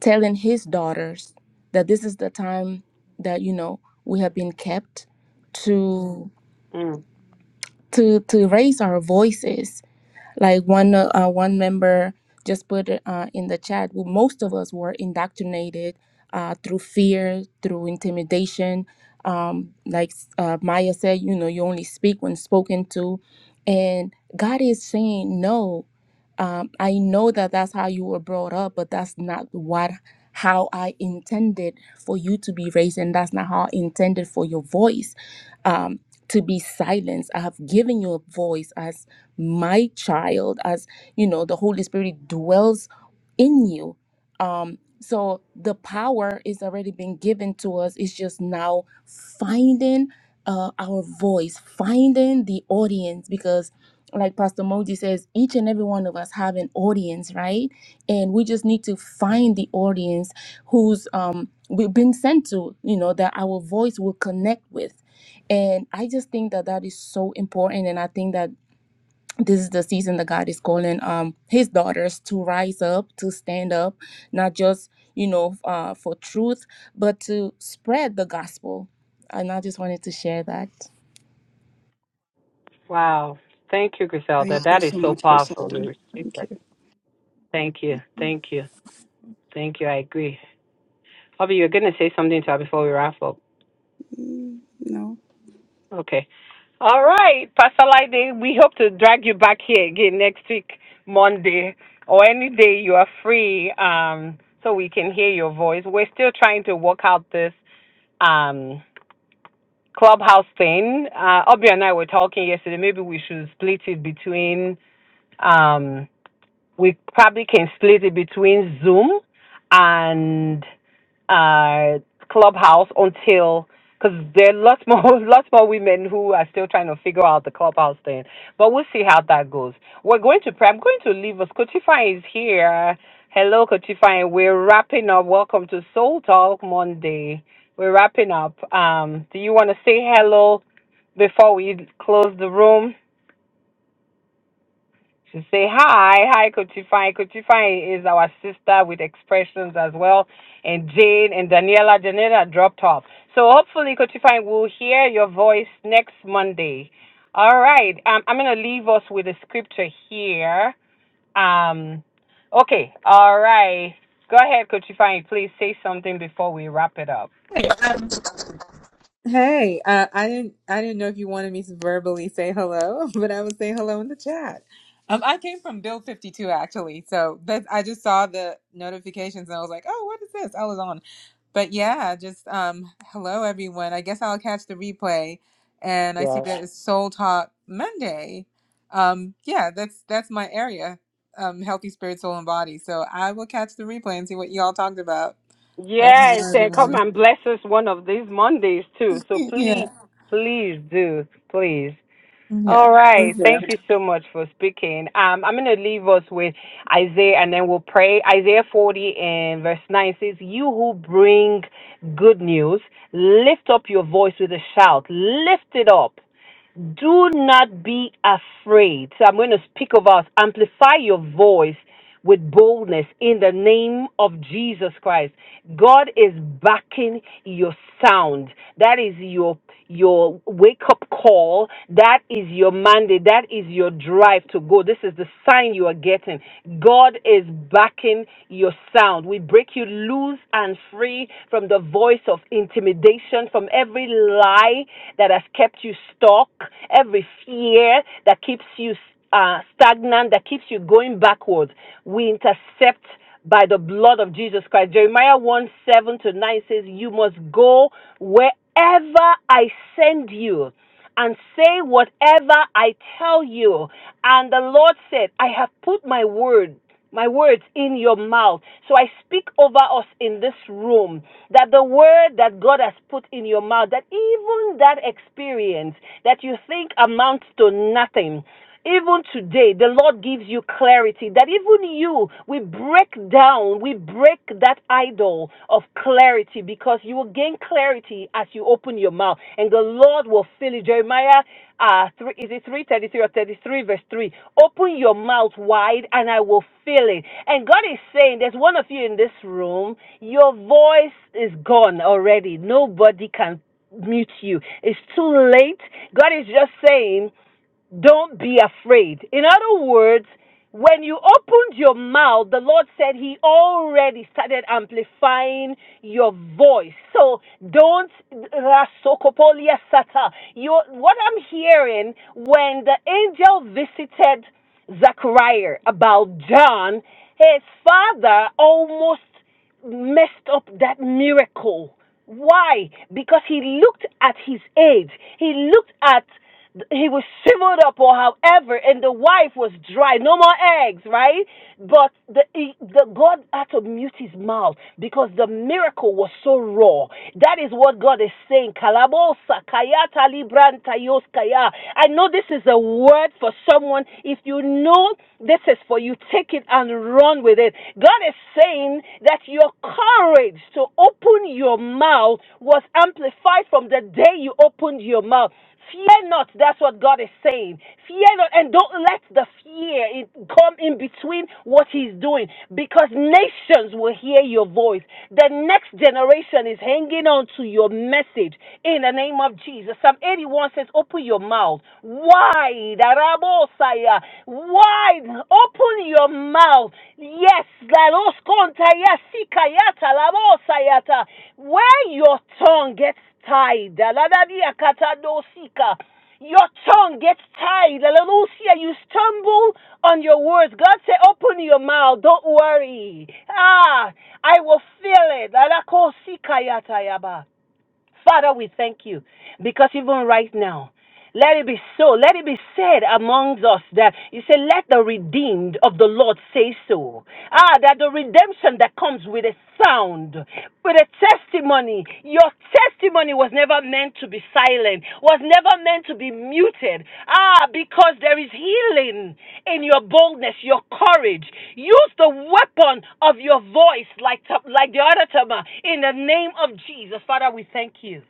Speaker 9: telling His daughters that this is the time that you know we have been kept to
Speaker 3: Mm.
Speaker 9: to to raise our voices like one uh, uh, one member just put it, uh, in the chat. Well, most of us were indoctrinated uh, through fear, through intimidation. Um, like uh, Maya said, you know, you only speak when spoken to, and God is saying no. Um, I know that that's how you were brought up, but that's not what how I intended for you to be raised, and that's not how I intended for your voice um, to be silenced. I have given you a voice. as." my child as you know the holy spirit dwells in you um so the power is already been given to us it's just now finding uh, our voice finding the audience because like pastor moji says each and every one of us have an audience right and we just need to find the audience who's um we've been sent to you know that our voice will connect with and i just think that that is so important and i think that this is the season that God is calling um his daughters to rise up, to stand up, not just, you know, uh, for truth, but to spread the gospel. And I just wanted to share that.
Speaker 3: Wow. Thank you, Griselda.
Speaker 2: Thank you
Speaker 3: That is
Speaker 2: so
Speaker 3: so
Speaker 2: much,
Speaker 3: powerful. We
Speaker 2: Griselda.
Speaker 3: receive
Speaker 2: Thank
Speaker 3: it.
Speaker 2: you.
Speaker 3: Thank you. Thank you. Thank you. I agree. Bobby, you're going to say something to her before we wrap up.
Speaker 2: Mm, No,
Speaker 3: Okay. All right, Pastor Lide, we hope to drag you back here again next week, Monday, or any day you are free, um, so we can hear your voice. We're still trying to work out this um, clubhouse thing. Uh, Obi and I were talking yesterday. Maybe we should split it between, um, we probably can split it between Zoom and uh, clubhouse until because there are lots more lots more women who are still trying to figure out the clubhouse thing. But we'll see how that goes. We're going to pray. I'm going to leave us. Kotify is here. Hello, Kotify. We're wrapping up. Welcome to Soul Talk Monday. We're wrapping up. Um, do you want to say hello before we close the room? She say hi, hi Kochi Fine. Kochi Fine is our sister with expressions as well. And Jane and Daniela, Daniela dropped off. So hopefully Kochi Fine will hear your voice next Monday. All right. Um, I'm gonna leave us with a scripture here. Um okay, all right. Go ahead, Kochi Fine, please say something before we wrap it up.
Speaker 10: Hey, um, hey, uh, I didn't I didn't know if you wanted me to verbally say hello, but I would say hello in the chat. Um, I came from Bill 52 actually, so that I just saw the notifications and I was like, oh, what is this? I was on, but yeah, just um, hello everyone. I guess I'll catch the replay, and I see
Speaker 3: Right.
Speaker 10: that it's Soul Talk Monday. Um, yeah, that's that's my area, um, healthy spirit, soul, and body. So I will catch the replay and see what y'all talked about. But
Speaker 3: Yes,
Speaker 10: hello
Speaker 3: and come
Speaker 10: everyone.
Speaker 3: and bless us one of these Mondays too. So
Speaker 10: yeah.
Speaker 3: please, please do, please.
Speaker 10: Yeah.
Speaker 3: All right.
Speaker 10: Yeah.
Speaker 3: Thank you so much for speaking. Um, I'm going to leave us with Isaiah and then we'll pray. Isaiah 40 and verse 9 says, You who bring good news, lift up your voice with a shout. Lift it up. Do not be afraid. So I'm going to speak of us. Amplify your voice with boldness in the name of Jesus Christ. God is backing your sound. That is your your wake up call. That is your mandate. That is your drive to go. This is the sign you are getting. God is backing your sound. We break you loose and free from the voice of intimidation, from every lie that has kept you stuck, every fear that keeps you uh, stagnant, that keeps you going backwards. We intercept by the blood of Jesus Christ. Jeremiah 1 7 to 9 says, You must go wherever I send you and say whatever I tell you. And the Lord said, I have put my word, my words in your mouth. So I speak over us in this room that the word that God has put in your mouth, that even that experience that you think amounts to nothing, even today, the Lord gives you clarity that even you, we break down, we break that idol of clarity because you will gain gain clarity as you open your mouth, and the Lord will fill you. Jeremiah, uh, three, is it three thirty three or thirty three, verse three? Open your mouth wide, and I will fill it. And God is saying, there's one of you in this room. Your voice is gone already. Nobody can mute you. It's too late. God is just saying don't be afraid. In other words, when you opened your mouth, the Lord said He already started amplifying your voice. So don't You, what I'm hearing when the angel visited Zachariah about John, his father almost messed up that miracle. Why? Because he looked at his age. He looked at he was shriveled up or however, and the wife was dry, no more eggs, right? But the, the God had to mute his mouth because the miracle was so raw. That is what God is saying. Kalabosa kayata libran tayo's kaya. I know this is a word for someone. If you know this is for you, take it and run with it. God is saying that your courage to open your mouth was amplified from the day you opened your mouth. Fear not. That's what God is saying. Fear not. And don't let the fear it come in between what He's doing because nations will hear your voice. The next generation is hanging on to your message in the name of Jesus. Psalm 81 says, Open your mouth wide. Arabosaya. Wide. Open your mouth mouth. Yes, Galos Kontayasika Labosayata. Where your tongue gets tied. Aladadia katadosika. Your tongue gets tied. Hallelujah. You stumble on your words. God said, open your mouth. Don't worry. Ah, I will fill it. Alakosika yatayaba. Father, we thank you because even right now, let it be so. Let it be said amongst us that you say, let the redeemed of the Lord say so. Ah, that the redemption that comes with a sound, with a testimony, your testimony testimony was never meant to be silent, was never meant to be muted. Ah, because there is healing in your boldness, your courage. Use the weapon of your voice like, like the other Tama in the name of Jesus. Father, we thank you.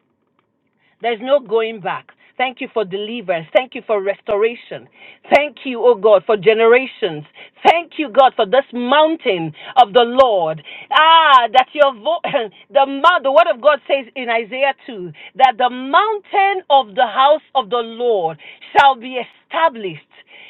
Speaker 3: There's no going back. Thank you for deliverance. Thank you for restoration. Thank you, oh God, for generations. Thank you, God, for this mountain of the Lord. Ah, that your vo- the mount, the word of God says in Isaiah 2 that the mountain of the house of the Lord shall be established.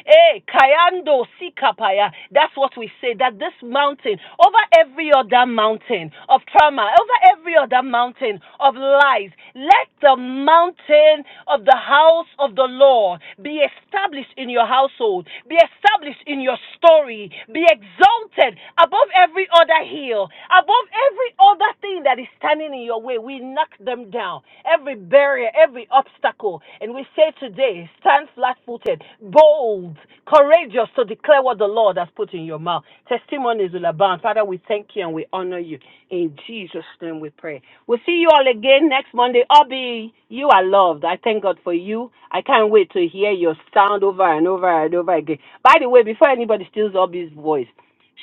Speaker 3: Hey, Kayando Sikapaya. That's what we say. That this mountain, over every other mountain of trauma, over every other mountain mountain of lies. Let the mountain of the house of the Lord be established in your household, be established in your story, be exalted above every other hill, above every other thing that is standing in your way. We knock them down, every barrier, every obstacle. And we say today, stand flat footed, bold, courageous to declare what the Lord has put in your mouth. Testimonies will abound. Father, we thank you and we honor you. In Jesus' name we pray. We'll see you all again next Monday. Obi, you are loved. I thank God for you. I can't wait to hear your sound over and over and over again. By the way, before anybody steals Obi's voice,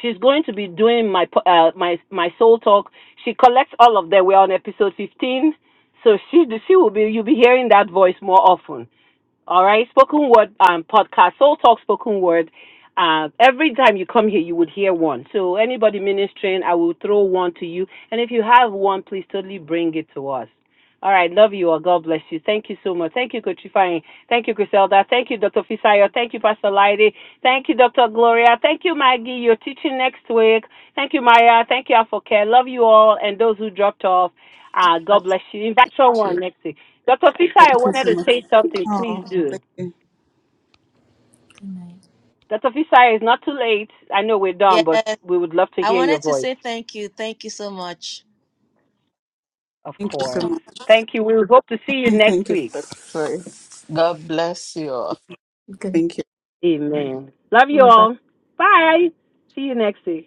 Speaker 3: she's going to be doing my po- uh, my my soul talk. She collects all of them. We're on episode 15. So she she will be you'll be hearing that voice more often. All right, spoken word um, podcast, Soul Talk Spoken Word. Uh, every time you come here, you would hear one. So anybody ministering, I will throw one to you. And if you have one, please totally bring it to us. All right, love you all. God bless you. Thank you so much. Thank you, Coach Ifeanyi. Thank you, Griselda. Thank you, Dr. Fisayo. Thank you, Pastor Laide. Thank you, Dr. Gloria. Thank you, Maggie. You're teaching next week. Thank you, Maya. Thank you, Afoke. Love you all. And those who dropped off, uh, God bless you. Invite someone next week. Dr. Fisa, I
Speaker 2: thank you
Speaker 3: wanted
Speaker 2: so
Speaker 3: to
Speaker 2: much.
Speaker 3: say something. Please
Speaker 2: Oh,
Speaker 3: do.
Speaker 2: thank you.
Speaker 3: Dr. Fisa, it's not too late. I know we're
Speaker 11: Yes,
Speaker 3: done, but we would love to
Speaker 11: I
Speaker 3: hear your
Speaker 11: wanted to
Speaker 3: voice.
Speaker 11: say thank you. Thank you so much.
Speaker 3: Of
Speaker 2: Thank you
Speaker 3: course.
Speaker 2: so much.
Speaker 3: Thank you. We hope to see you next
Speaker 2: Thank you
Speaker 3: week.
Speaker 2: for, for
Speaker 7: God bless you.
Speaker 9: Good.
Speaker 2: thank you.
Speaker 3: Amen. Love you all. Bye. See you next week.